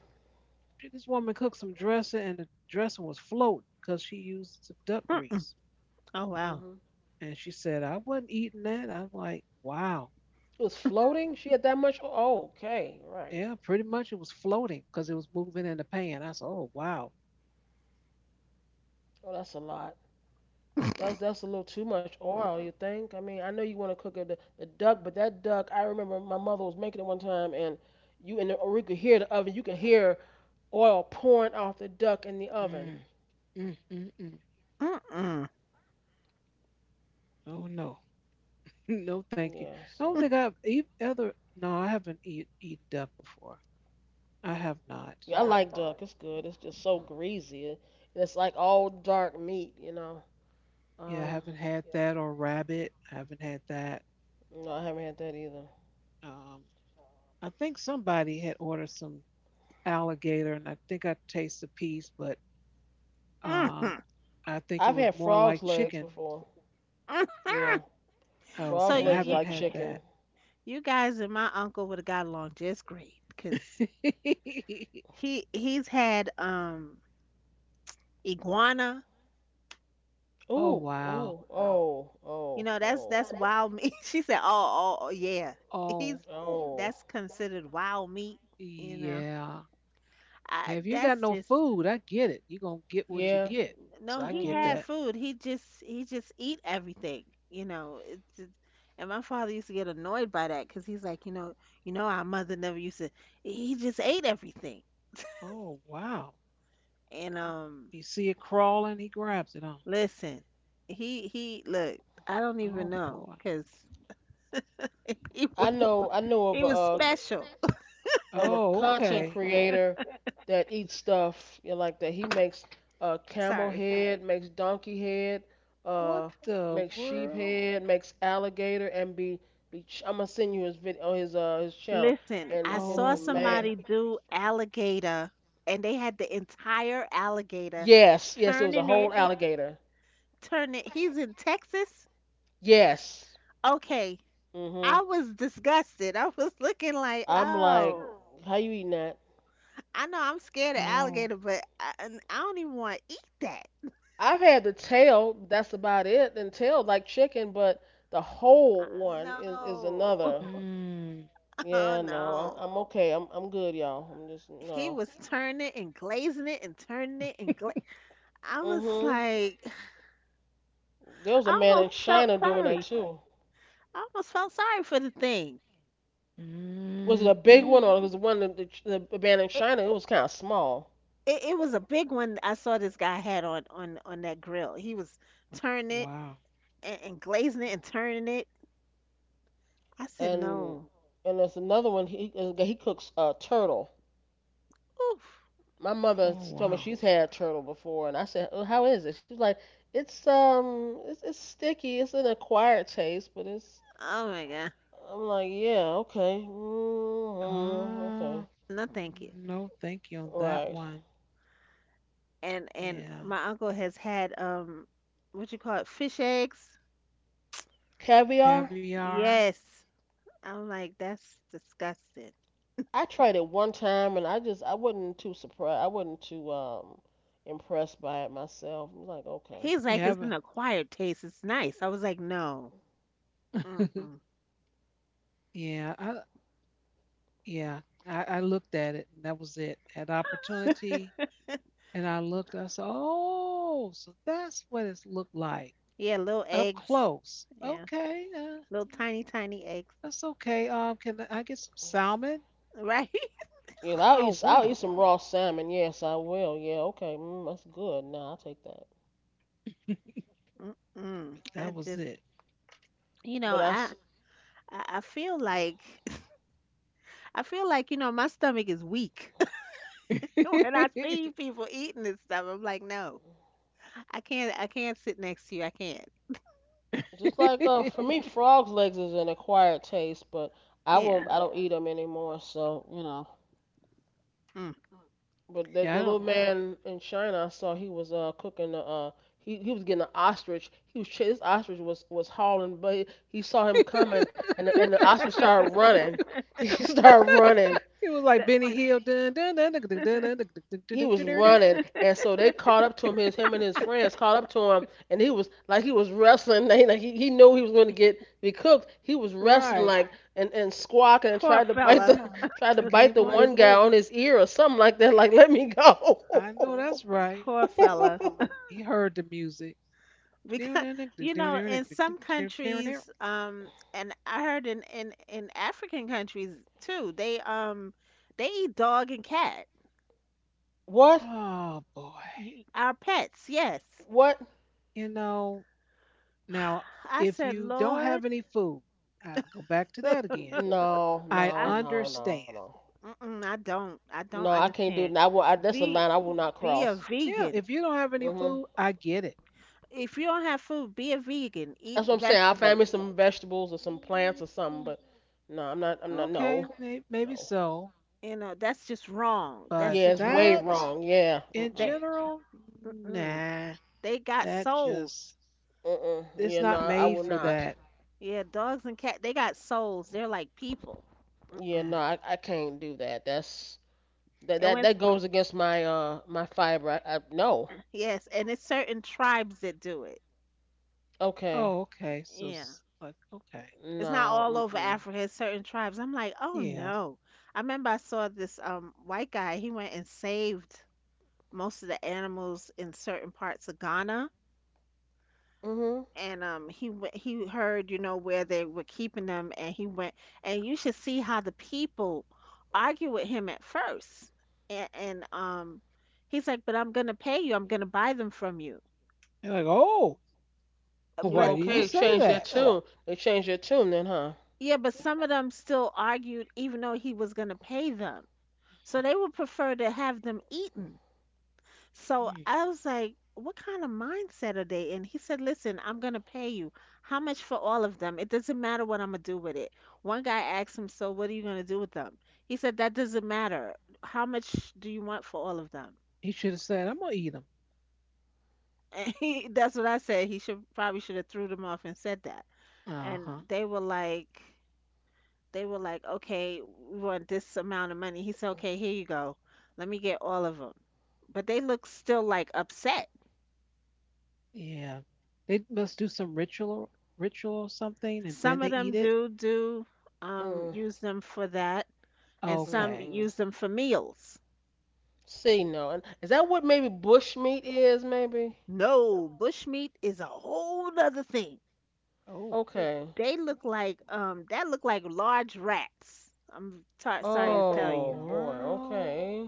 Speaker 3: this woman cooked some dressing, and the dressing was floating because she used some duck grease.
Speaker 2: Oh
Speaker 1: Hmm.
Speaker 2: wow.
Speaker 3: And she said, "I wasn't eating that." I'm like, "Wow,
Speaker 1: It was floating. She had that much oil? Oh, okay, right.
Speaker 3: yeah, pretty much it was floating because it was moving in the pan." I said, "Oh wow,
Speaker 1: Oh, that's a lot.
Speaker 2: Mm-mm.
Speaker 1: That's a little too much oil. You think? I mean, I know you want to cook a, the duck, but that duck, I remember my mother was making it one time, and you in the, or we could hear the oven. You could hear oil pouring off the duck in the oven.
Speaker 3: mm, mm, mm, mm.
Speaker 2: Mm-hmm.
Speaker 3: Oh no, no, thank you."
Speaker 1: Yeah,
Speaker 3: I don't think
Speaker 1: so
Speaker 3: I've eat, ever. No, I haven't eat, eaten duck before. I have not.
Speaker 1: yeah, I like duck. It's good. It's just so greasy, and it's like all dark meat. You know.
Speaker 3: Yeah, I
Speaker 1: Um,
Speaker 3: haven't had that or rabbit. I haven't had that.
Speaker 1: no, I haven't had that either.
Speaker 3: Um, I think somebody had ordered some alligator, and I think I tasted a piece, but um, I think it
Speaker 1: I've
Speaker 3: was
Speaker 1: had
Speaker 3: more like
Speaker 1: frog's legs
Speaker 3: chicken.
Speaker 1: before.
Speaker 2: Mm-hmm.
Speaker 1: Yeah,
Speaker 3: Okay,
Speaker 2: So
Speaker 1: frog's
Speaker 3: I
Speaker 2: you
Speaker 1: legs are
Speaker 3: haven't
Speaker 1: like
Speaker 3: had
Speaker 2: you
Speaker 3: that.
Speaker 1: chicken.
Speaker 2: you guys and my uncle would have got along just great because he's had iguana.
Speaker 3: Oh
Speaker 1: Oh,
Speaker 3: wow.
Speaker 1: oh, oh,
Speaker 2: You
Speaker 1: oh,
Speaker 2: know
Speaker 1: oh,
Speaker 2: that's wild meat. She said, oh, oh oh, yeah,
Speaker 3: Oh
Speaker 2: he's
Speaker 1: wild. Oh.
Speaker 2: that's considered wild meat. You know,
Speaker 3: yeah. Have you ain't got
Speaker 2: that's
Speaker 3: no
Speaker 2: just.
Speaker 3: food? I get it. You're gonna get what you
Speaker 1: Yeah.
Speaker 3: get. So
Speaker 2: No,
Speaker 3: I
Speaker 2: he
Speaker 3: get
Speaker 1: Mhm.
Speaker 2: had
Speaker 3: that.
Speaker 2: food. He just eat everything. You know, and my father used to get annoyed by that because he's like, you know, our mother never used to. He just ate everything.
Speaker 3: Oh wow.
Speaker 2: And
Speaker 3: You see it crawling, he grabs it on.
Speaker 2: listen, he look, I don't even
Speaker 3: Oh
Speaker 2: know
Speaker 3: boy.
Speaker 2: because he was
Speaker 1: I know. I know
Speaker 2: he was special.
Speaker 1: of a
Speaker 3: Oh,
Speaker 1: content
Speaker 3: okay.
Speaker 1: creator that eats stuff you know, like that. He makes camel
Speaker 2: Sorry.
Speaker 1: head, makes donkey head,
Speaker 3: What
Speaker 1: uh,
Speaker 3: the
Speaker 1: makes sheep
Speaker 3: world?
Speaker 1: head, makes alligator, and I'm gonna send you his video on his channel.
Speaker 2: Listen,
Speaker 1: And,
Speaker 2: I
Speaker 1: listen,
Speaker 2: saw
Speaker 3: Oh
Speaker 1: and
Speaker 3: my
Speaker 1: man,
Speaker 2: somebody
Speaker 3: god.
Speaker 2: do alligator, and they had the entire alligator,
Speaker 1: yes, yes, it was a
Speaker 2: turning it,
Speaker 1: whole alligator.
Speaker 2: turning. He's in Texas.
Speaker 1: Yes.
Speaker 2: Okay,
Speaker 1: Hmm.
Speaker 2: I was disgusted. I was looking like,
Speaker 1: I'm like,
Speaker 2: oh,
Speaker 1: how you eating that?
Speaker 2: I know I'm scared of
Speaker 3: Oh.
Speaker 2: alligator, I don't even want to eat that.
Speaker 1: I've had the tail, that's about it, and tail like chicken, but the
Speaker 2: Uh,
Speaker 1: whole one is
Speaker 2: no,
Speaker 1: another.
Speaker 3: Mm.
Speaker 2: oh
Speaker 1: Yeah, no,
Speaker 2: no.
Speaker 1: I'm okay. I'm good, y'all. I'm just
Speaker 2: He
Speaker 1: no.
Speaker 2: was turning it and glazing it and turning it and I was
Speaker 1: Mhm.
Speaker 2: like,
Speaker 1: There was a
Speaker 2: I
Speaker 1: man
Speaker 2: almost
Speaker 1: in
Speaker 2: felt
Speaker 1: China doing that
Speaker 2: sorry.
Speaker 1: too.
Speaker 2: I almost felt sorry for the thing.
Speaker 1: Was it
Speaker 3: Mm.
Speaker 1: a big
Speaker 3: Mm.
Speaker 1: one or was it one that the man in
Speaker 2: It,
Speaker 1: China? It was kind of small.
Speaker 2: it was a big one. I saw this guy had on on that grill. He was turning it
Speaker 3: Wow.
Speaker 2: and glazing it and turning it. I said,
Speaker 1: And
Speaker 2: no.
Speaker 1: and there's another one. He cooks turtle.
Speaker 2: Oof.
Speaker 1: My mother
Speaker 3: Oh
Speaker 1: she told me
Speaker 3: wow.
Speaker 1: she's had turtle before, and I said, oh, "How is it?" She was like, It's sticky. It's an acquired taste, but it's."
Speaker 2: Oh my god.
Speaker 1: I'm like, "Yeah, okay, mm-hmm,
Speaker 3: Uh,
Speaker 1: okay,
Speaker 2: No, thank you.
Speaker 3: no, thank you on that
Speaker 1: right."
Speaker 3: one.
Speaker 2: And
Speaker 3: Yeah.
Speaker 2: my uncle has had what you call it, fish eggs.
Speaker 1: Caviar.
Speaker 3: Caviar.
Speaker 2: Yes, I'm like that's disgusting.
Speaker 1: I tried it one time, and I wasn't too surprised. I wasn't too impressed by it myself. I'm like, okay.
Speaker 2: He's like
Speaker 3: Yeah.
Speaker 2: it's an
Speaker 3: But
Speaker 2: acquired taste. It's nice. I was like no. Mm-mm.
Speaker 3: yeah. I, yeah. I looked at it and that was it. Had opportunity and I looked, I said, oh, so that's what it's looked like
Speaker 2: Yeah, little
Speaker 3: up
Speaker 2: eggs.
Speaker 3: close.
Speaker 2: Yeah,
Speaker 3: Okay.
Speaker 2: little tiny tiny eggs.
Speaker 3: That's okay. Can I get some salmon?
Speaker 2: Right.
Speaker 1: Yeah,
Speaker 3: Oh,
Speaker 1: I'll eat
Speaker 3: wonderful.
Speaker 1: some raw salmon. Yes, I will. Yeah, okay. Mm, that's good. Nah, I'll take that.
Speaker 2: Mm-mm. I
Speaker 3: That was
Speaker 2: just
Speaker 3: it.
Speaker 2: you know
Speaker 1: But I.
Speaker 2: I feel like I feel like you know my stomach is weak when I see people eating this stuff. I'm like no, I can't sit next to you. I can't.
Speaker 1: Just like for me, frog's legs is an acquired taste, but I won't.
Speaker 2: Yeah.
Speaker 1: I don't eat them anymore. So you know.
Speaker 2: Mm.
Speaker 1: But
Speaker 3: Yeah,
Speaker 1: the
Speaker 3: I
Speaker 1: little
Speaker 3: don't.
Speaker 1: man in China, I saw he was cooking the he was getting an ostrich. This ostrich was hauling, but he saw him coming, and and the ostrich started running. He started running,
Speaker 3: It was like Benny
Speaker 2: That-
Speaker 3: Hill. Dun, dun, dun, dun, dun, dun, dun, dun, dun,
Speaker 1: he
Speaker 3: dun,
Speaker 1: was
Speaker 3: dun, dun, dun,
Speaker 1: running, and so they caught up to him. His Him and his friends caught up to him, and he was wrestling. They, he knew he was going to get be cooked. He was wrestling
Speaker 3: right.
Speaker 1: like and squawking and
Speaker 2: poor
Speaker 1: tried to bite
Speaker 2: fella.
Speaker 1: the tried to
Speaker 3: I
Speaker 1: bite
Speaker 3: can't
Speaker 1: the
Speaker 3: blame him.
Speaker 1: one guy on his ear or something like that. Like let me go.
Speaker 3: I know that's right.
Speaker 2: Poor fella.
Speaker 3: He heard the music. Dun,
Speaker 2: Because
Speaker 3: dun, dun, dun,
Speaker 2: you
Speaker 3: dun, dun,
Speaker 2: know,
Speaker 3: dun,
Speaker 2: in some
Speaker 3: dun, dun, dun, dun, dun.
Speaker 2: countries, and I heard in African countries too, they eat dog and cat.
Speaker 1: What?
Speaker 3: Oh, boy.
Speaker 2: Our pets, yes.
Speaker 1: What?
Speaker 3: You know, now,
Speaker 2: I
Speaker 3: if
Speaker 2: said,
Speaker 3: you don't
Speaker 2: Lord,
Speaker 3: have any food, I go back to that again.
Speaker 1: No,
Speaker 3: I
Speaker 2: I
Speaker 1: no, no, no,
Speaker 3: understand.
Speaker 1: no,
Speaker 2: mm-mm, I
Speaker 1: no.
Speaker 2: don't
Speaker 1: I can't do that.
Speaker 2: understand.
Speaker 1: I will. I, that's a line
Speaker 2: Be
Speaker 1: I will not
Speaker 2: be a
Speaker 1: cross.
Speaker 3: Yeah,
Speaker 2: vegan.
Speaker 3: if you don't have any
Speaker 1: Hmm.
Speaker 3: food, I get it.
Speaker 2: If you don't have food, be a vegan. Eat
Speaker 1: That's what I'm saying. I'll find
Speaker 2: vegetables.
Speaker 1: me some vegetables or some plants or something,
Speaker 3: Mm.
Speaker 1: but no, I'm not. No.
Speaker 3: Okay, may- maybe
Speaker 1: No.
Speaker 3: so,
Speaker 2: You know, that's just wrong.
Speaker 3: but
Speaker 2: That's
Speaker 1: Yeah, it's
Speaker 2: just
Speaker 1: way
Speaker 2: wrong.
Speaker 3: that
Speaker 1: wrong. Yeah.
Speaker 3: in
Speaker 1: Mm-mm.
Speaker 2: They
Speaker 3: general,
Speaker 2: Mm-mm.
Speaker 3: nah,
Speaker 2: They got
Speaker 3: that
Speaker 2: souls.
Speaker 3: just
Speaker 1: Mm-mm.
Speaker 3: it's
Speaker 1: Yeah, no,
Speaker 3: not
Speaker 1: I
Speaker 3: made
Speaker 1: will
Speaker 3: for
Speaker 1: not.
Speaker 3: that.
Speaker 2: Yeah, dogs and cat they got souls. They're like people.
Speaker 1: Yeah,
Speaker 2: Mm-mm.
Speaker 1: no,
Speaker 3: Eh.
Speaker 1: I can't do that. That's that
Speaker 2: And
Speaker 1: that
Speaker 2: when
Speaker 1: that goes against my my fiber. I No.
Speaker 2: Yes, and it's certain tribes that do it.
Speaker 1: Okay.
Speaker 3: Oh, okay, so
Speaker 2: Yeah.
Speaker 3: s- like okay,
Speaker 2: It's not
Speaker 1: No.
Speaker 2: all over
Speaker 1: Mm-mm.
Speaker 2: Africa. It's certain tribes. I'm like, oh
Speaker 3: yeah,
Speaker 2: no. I remember I saw this white guy. He went and saved most of the animals in certain parts of Ghana,
Speaker 1: Mhm.
Speaker 2: and he went, he heard you know where they were keeping them, and he went, and you should see how the people argue with him at first, and he's like, but I'm gonna pay you, I'm gonna buy them from you.
Speaker 3: you're like oh,
Speaker 1: You
Speaker 2: But
Speaker 3: why did you
Speaker 1: okay? They
Speaker 3: say
Speaker 1: changed their
Speaker 3: that?
Speaker 1: tune. They changed their tune then, huh?
Speaker 2: Yeah, but some of them still argued even though he was gonna pay them, so they would prefer to have them eaten. So
Speaker 3: Hmm,
Speaker 2: I was like, what kind of mindset are they in? He said, listen, I'm going to pay you. How much for all of them? It doesn't matter what I'm going to do with it. One guy asked him, so what are you going to do with them? He said, that doesn't matter. How much do you want for all of them?
Speaker 3: he should have said I'm gonna eat them.
Speaker 2: And he, that's what I said. He should probably should have threw them off and said that.
Speaker 3: Uh
Speaker 2: And
Speaker 3: huh.
Speaker 2: they were like, okay, we want this amount of money. He said, okay, here you go. Let me get all of them. But they look still like upset.
Speaker 3: Yeah, they must do some ritual, ritual or something, and then
Speaker 2: Some
Speaker 3: they
Speaker 2: of
Speaker 3: eat
Speaker 2: them
Speaker 3: it.
Speaker 2: do do
Speaker 1: Mm.
Speaker 2: Use them for that, and some
Speaker 3: Okay.
Speaker 1: Mm-mm.
Speaker 2: use them for meals.
Speaker 1: See, no. And is that what maybe bush meat is? Maybe.
Speaker 2: No, bushmeat is a whole other thing.
Speaker 3: Oh,
Speaker 1: Okay.
Speaker 2: They look like that look like large rats.
Speaker 3: what
Speaker 2: Sorry to tell
Speaker 3: the
Speaker 1: Oh
Speaker 2: you,
Speaker 1: boy.
Speaker 3: world?
Speaker 1: Okay.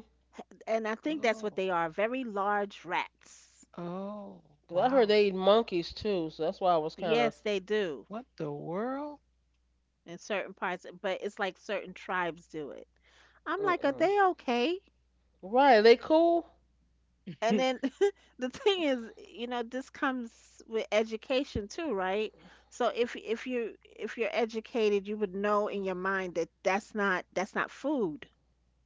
Speaker 2: and I think that's what
Speaker 3: Oh,
Speaker 2: they are, very large rats.
Speaker 3: oh,
Speaker 1: 'Cause I heard
Speaker 3: wow.
Speaker 1: they eat monkeys too, so that's why I was kind of.
Speaker 2: Yes, they do
Speaker 3: What the world?
Speaker 2: in certain parts, but it's like certain tribes do it. I'm like, are
Speaker 1: Mm-mm.
Speaker 2: they okay?
Speaker 1: Right, they cool?
Speaker 3: uh
Speaker 2: And then the thing is, you know, this comes with education too, right? So if you if you're educated, you would know in your mind that that's not food,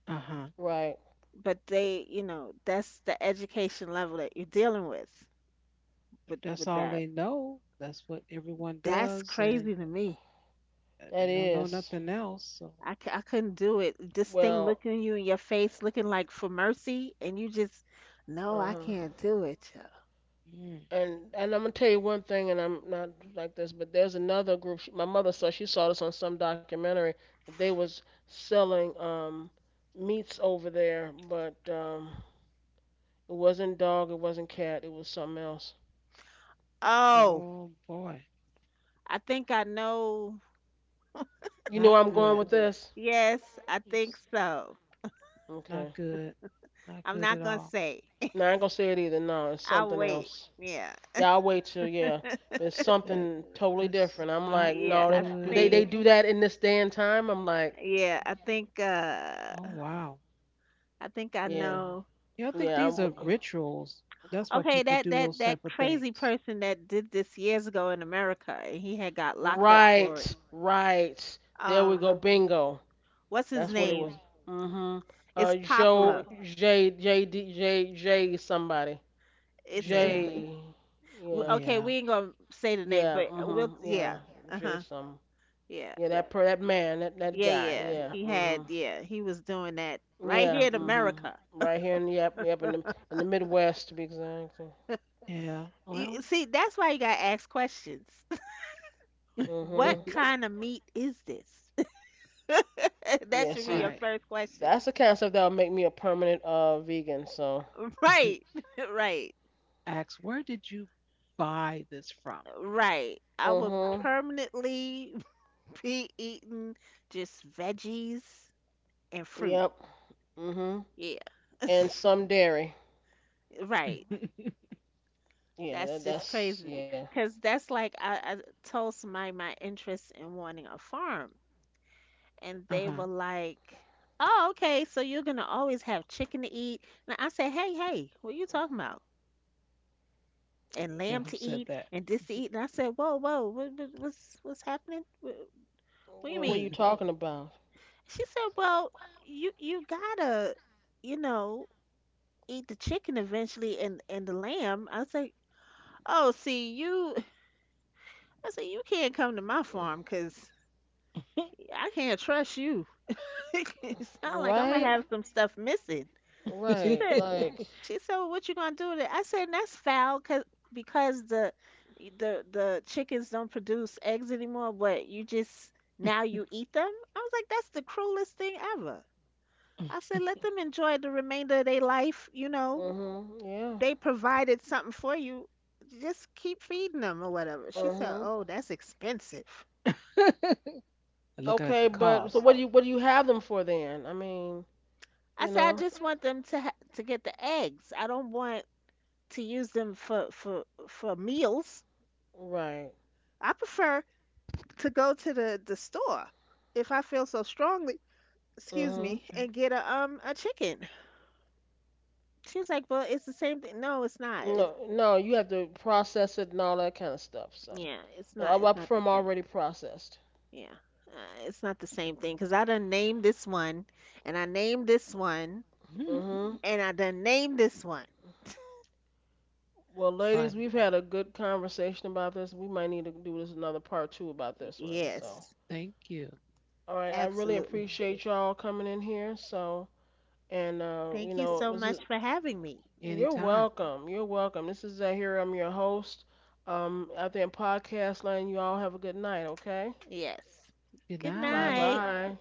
Speaker 3: huh.
Speaker 1: Right.
Speaker 2: but they, you know, that's the education level that you're dealing with
Speaker 3: If
Speaker 2: with
Speaker 3: that's
Speaker 2: with
Speaker 3: all
Speaker 2: that.
Speaker 3: they know, that's what everyone
Speaker 2: That's
Speaker 3: does, and
Speaker 2: crazy to me.
Speaker 3: they
Speaker 1: That
Speaker 3: don't know
Speaker 1: is.
Speaker 3: nothing else. So,
Speaker 2: I couldn't do it. This thing
Speaker 1: Well,
Speaker 2: looking you in your face, looking like for mercy, and you just, no, I
Speaker 1: huh.
Speaker 2: can't do it. Child."
Speaker 3: mm,
Speaker 1: And I'm gonna tell you one thing, and I'm not like this, but there's another group. My mother saw she saw this on some documentary that they was selling meats over there, but it wasn't dog, it wasn't cat, it was something else.
Speaker 2: Oh,
Speaker 3: oh boy,
Speaker 2: I think I know.
Speaker 1: You know
Speaker 3: not
Speaker 1: where I'm going
Speaker 3: good.
Speaker 1: with this?
Speaker 2: Yes, I think
Speaker 3: It's
Speaker 2: so.
Speaker 3: not
Speaker 1: Okay.
Speaker 3: good. Not
Speaker 2: I'm
Speaker 3: good at
Speaker 2: not gonna
Speaker 3: all.
Speaker 2: say.
Speaker 1: Now I ain't gonna say it either. No, it's
Speaker 2: I'll
Speaker 1: something
Speaker 2: wait.
Speaker 1: else.
Speaker 2: Yeah.
Speaker 1: Y'all wait till yeah. But it's
Speaker 3: That
Speaker 1: something totally
Speaker 3: that's
Speaker 1: different. I'm
Speaker 3: not
Speaker 1: like,
Speaker 2: Yeah,
Speaker 1: no,
Speaker 2: I
Speaker 1: do
Speaker 3: good.
Speaker 2: think
Speaker 1: they do that in this day and time? I'm like,
Speaker 2: yeah, I think
Speaker 3: Oh wow.
Speaker 2: I think I
Speaker 1: yeah,
Speaker 2: know.
Speaker 3: Yeah, I think
Speaker 1: yeah,
Speaker 3: these
Speaker 1: I'm,
Speaker 3: are rituals. That's why
Speaker 2: Okay,
Speaker 3: people do those
Speaker 2: that
Speaker 3: type of
Speaker 2: crazy
Speaker 3: things.
Speaker 2: person that did this years ago in America and he had got locked up for it.
Speaker 1: right, right. There we
Speaker 2: Um
Speaker 1: go, bingo.
Speaker 2: what's his
Speaker 1: That's what it was.
Speaker 2: name?
Speaker 1: Mhm.
Speaker 2: It's
Speaker 1: Joe
Speaker 2: popular.
Speaker 1: JJDJJ somebody
Speaker 2: It's
Speaker 3: Yeah.
Speaker 1: J. Yeah,
Speaker 2: okay,
Speaker 3: Yeah.
Speaker 2: we ain't gonna say the name,
Speaker 1: yeah,
Speaker 2: but we'll
Speaker 1: mhm, yeah,
Speaker 2: yeah.
Speaker 1: J
Speaker 2: Uh-huh.
Speaker 1: some.
Speaker 2: Yeah.
Speaker 1: Yeah, that man, that
Speaker 2: Yeah,
Speaker 1: guy.
Speaker 2: yeah.
Speaker 1: Yeah,
Speaker 2: He had
Speaker 1: mhm.
Speaker 2: yeah, he was doing that right here
Speaker 1: Yeah.
Speaker 2: in
Speaker 1: Mhm.
Speaker 2: America.
Speaker 1: Right here in yep, yep in the Midwest to be exact.
Speaker 3: Yeah. Well,
Speaker 2: You see, that's why you gotta ask questions. What
Speaker 1: Mhm.
Speaker 2: kind of meat is this? That
Speaker 1: Yeah.
Speaker 2: should be your
Speaker 3: right.
Speaker 2: first question.
Speaker 1: That's the concept that would make me a permanent vegan. So.
Speaker 2: Right, right,
Speaker 3: Ask where did you buy this from?
Speaker 2: right. I would
Speaker 1: Mhm.
Speaker 2: permanently be eating just veggies and fruit.
Speaker 1: Yep. Mhm.
Speaker 2: Yeah.
Speaker 1: And some dairy.
Speaker 2: Right.
Speaker 1: Yeah.
Speaker 2: That's just crazy
Speaker 1: That's
Speaker 2: to me.
Speaker 1: yeah.
Speaker 2: Because that's like I told somebody my interest in wanting a farm, and
Speaker 3: Uh
Speaker 2: they
Speaker 3: huh.
Speaker 2: were like, "Oh, okay, so you're gonna always have chicken to eat." And I said, "Hey, hey, what are you talking about? And
Speaker 3: Then
Speaker 2: lamb
Speaker 3: who
Speaker 2: to
Speaker 3: said
Speaker 2: eat
Speaker 3: that?
Speaker 2: and this to eat." And I said, whoa, whoa, what's happening? What do you
Speaker 1: What are you
Speaker 2: mean?
Speaker 1: talking about?
Speaker 2: She said, well, you gotta, you know, eat the chicken eventually and the lamb. I was like, oh, see you. I said, you can't come to my farm because I can't trust you. It sound like I'm gonna
Speaker 1: Right.
Speaker 2: have some stuff missing. She
Speaker 1: Right.
Speaker 2: said.
Speaker 1: Like.
Speaker 2: She said, "Well, what you gonna do with it?" I said, "That's foul, 'cause because the chickens don't produce eggs anymore, but you just now you eat them." I was like, "That's the cruelest thing ever." I said, "Let them enjoy the remainder of their life. You know,
Speaker 1: Mhm. Yeah.
Speaker 2: they provided something for you. Just keep feeding them or whatever." She said,
Speaker 1: Mhm.
Speaker 2: "Oh, that's expensive."
Speaker 3: Looking at the
Speaker 1: Okay, but so
Speaker 3: cost.
Speaker 1: what do you have them for then? I mean,
Speaker 2: I
Speaker 1: you
Speaker 2: said, "I
Speaker 1: know.
Speaker 2: just want them to to get the eggs. I don't want to use them for for meals.
Speaker 1: Right.
Speaker 2: I prefer to go to the store if I feel so strongly, excuse
Speaker 1: Mm-hmm.
Speaker 2: me,
Speaker 3: Okay.
Speaker 2: and get a chicken. She was like, "Well, it's the same thing." No, it's not. It's
Speaker 1: No, no, you have to process it and all that kind of stuff. So
Speaker 2: yeah, it's
Speaker 1: I,
Speaker 2: not.
Speaker 1: I
Speaker 2: It's not
Speaker 1: prefer
Speaker 2: the
Speaker 1: 'em
Speaker 2: same.
Speaker 1: already processed.
Speaker 2: Yeah, it's not the same thing because I done named this one, and I named this one,
Speaker 1: Hmm.
Speaker 2: and I done named this one.
Speaker 1: Well,
Speaker 2: S-
Speaker 1: ladies,
Speaker 3: Funny.
Speaker 1: we've had a good conversation about this. We might need to do this another part two about this one. So,
Speaker 2: Yes,
Speaker 3: Thank you.
Speaker 1: all right, I really
Speaker 2: absolutely.
Speaker 1: appreciate y'all coming in here. So, and you
Speaker 2: Thank you
Speaker 1: know,
Speaker 2: so
Speaker 1: this is
Speaker 2: much for having me.
Speaker 1: you're
Speaker 3: Anytime.
Speaker 1: welcome. You're welcome. This is Zahir. I'm your host. Out there in podcast land, you all have a good night, okay?
Speaker 2: Yes.
Speaker 3: Good
Speaker 2: Good
Speaker 1: Bye
Speaker 3: night.
Speaker 2: night.
Speaker 1: bye.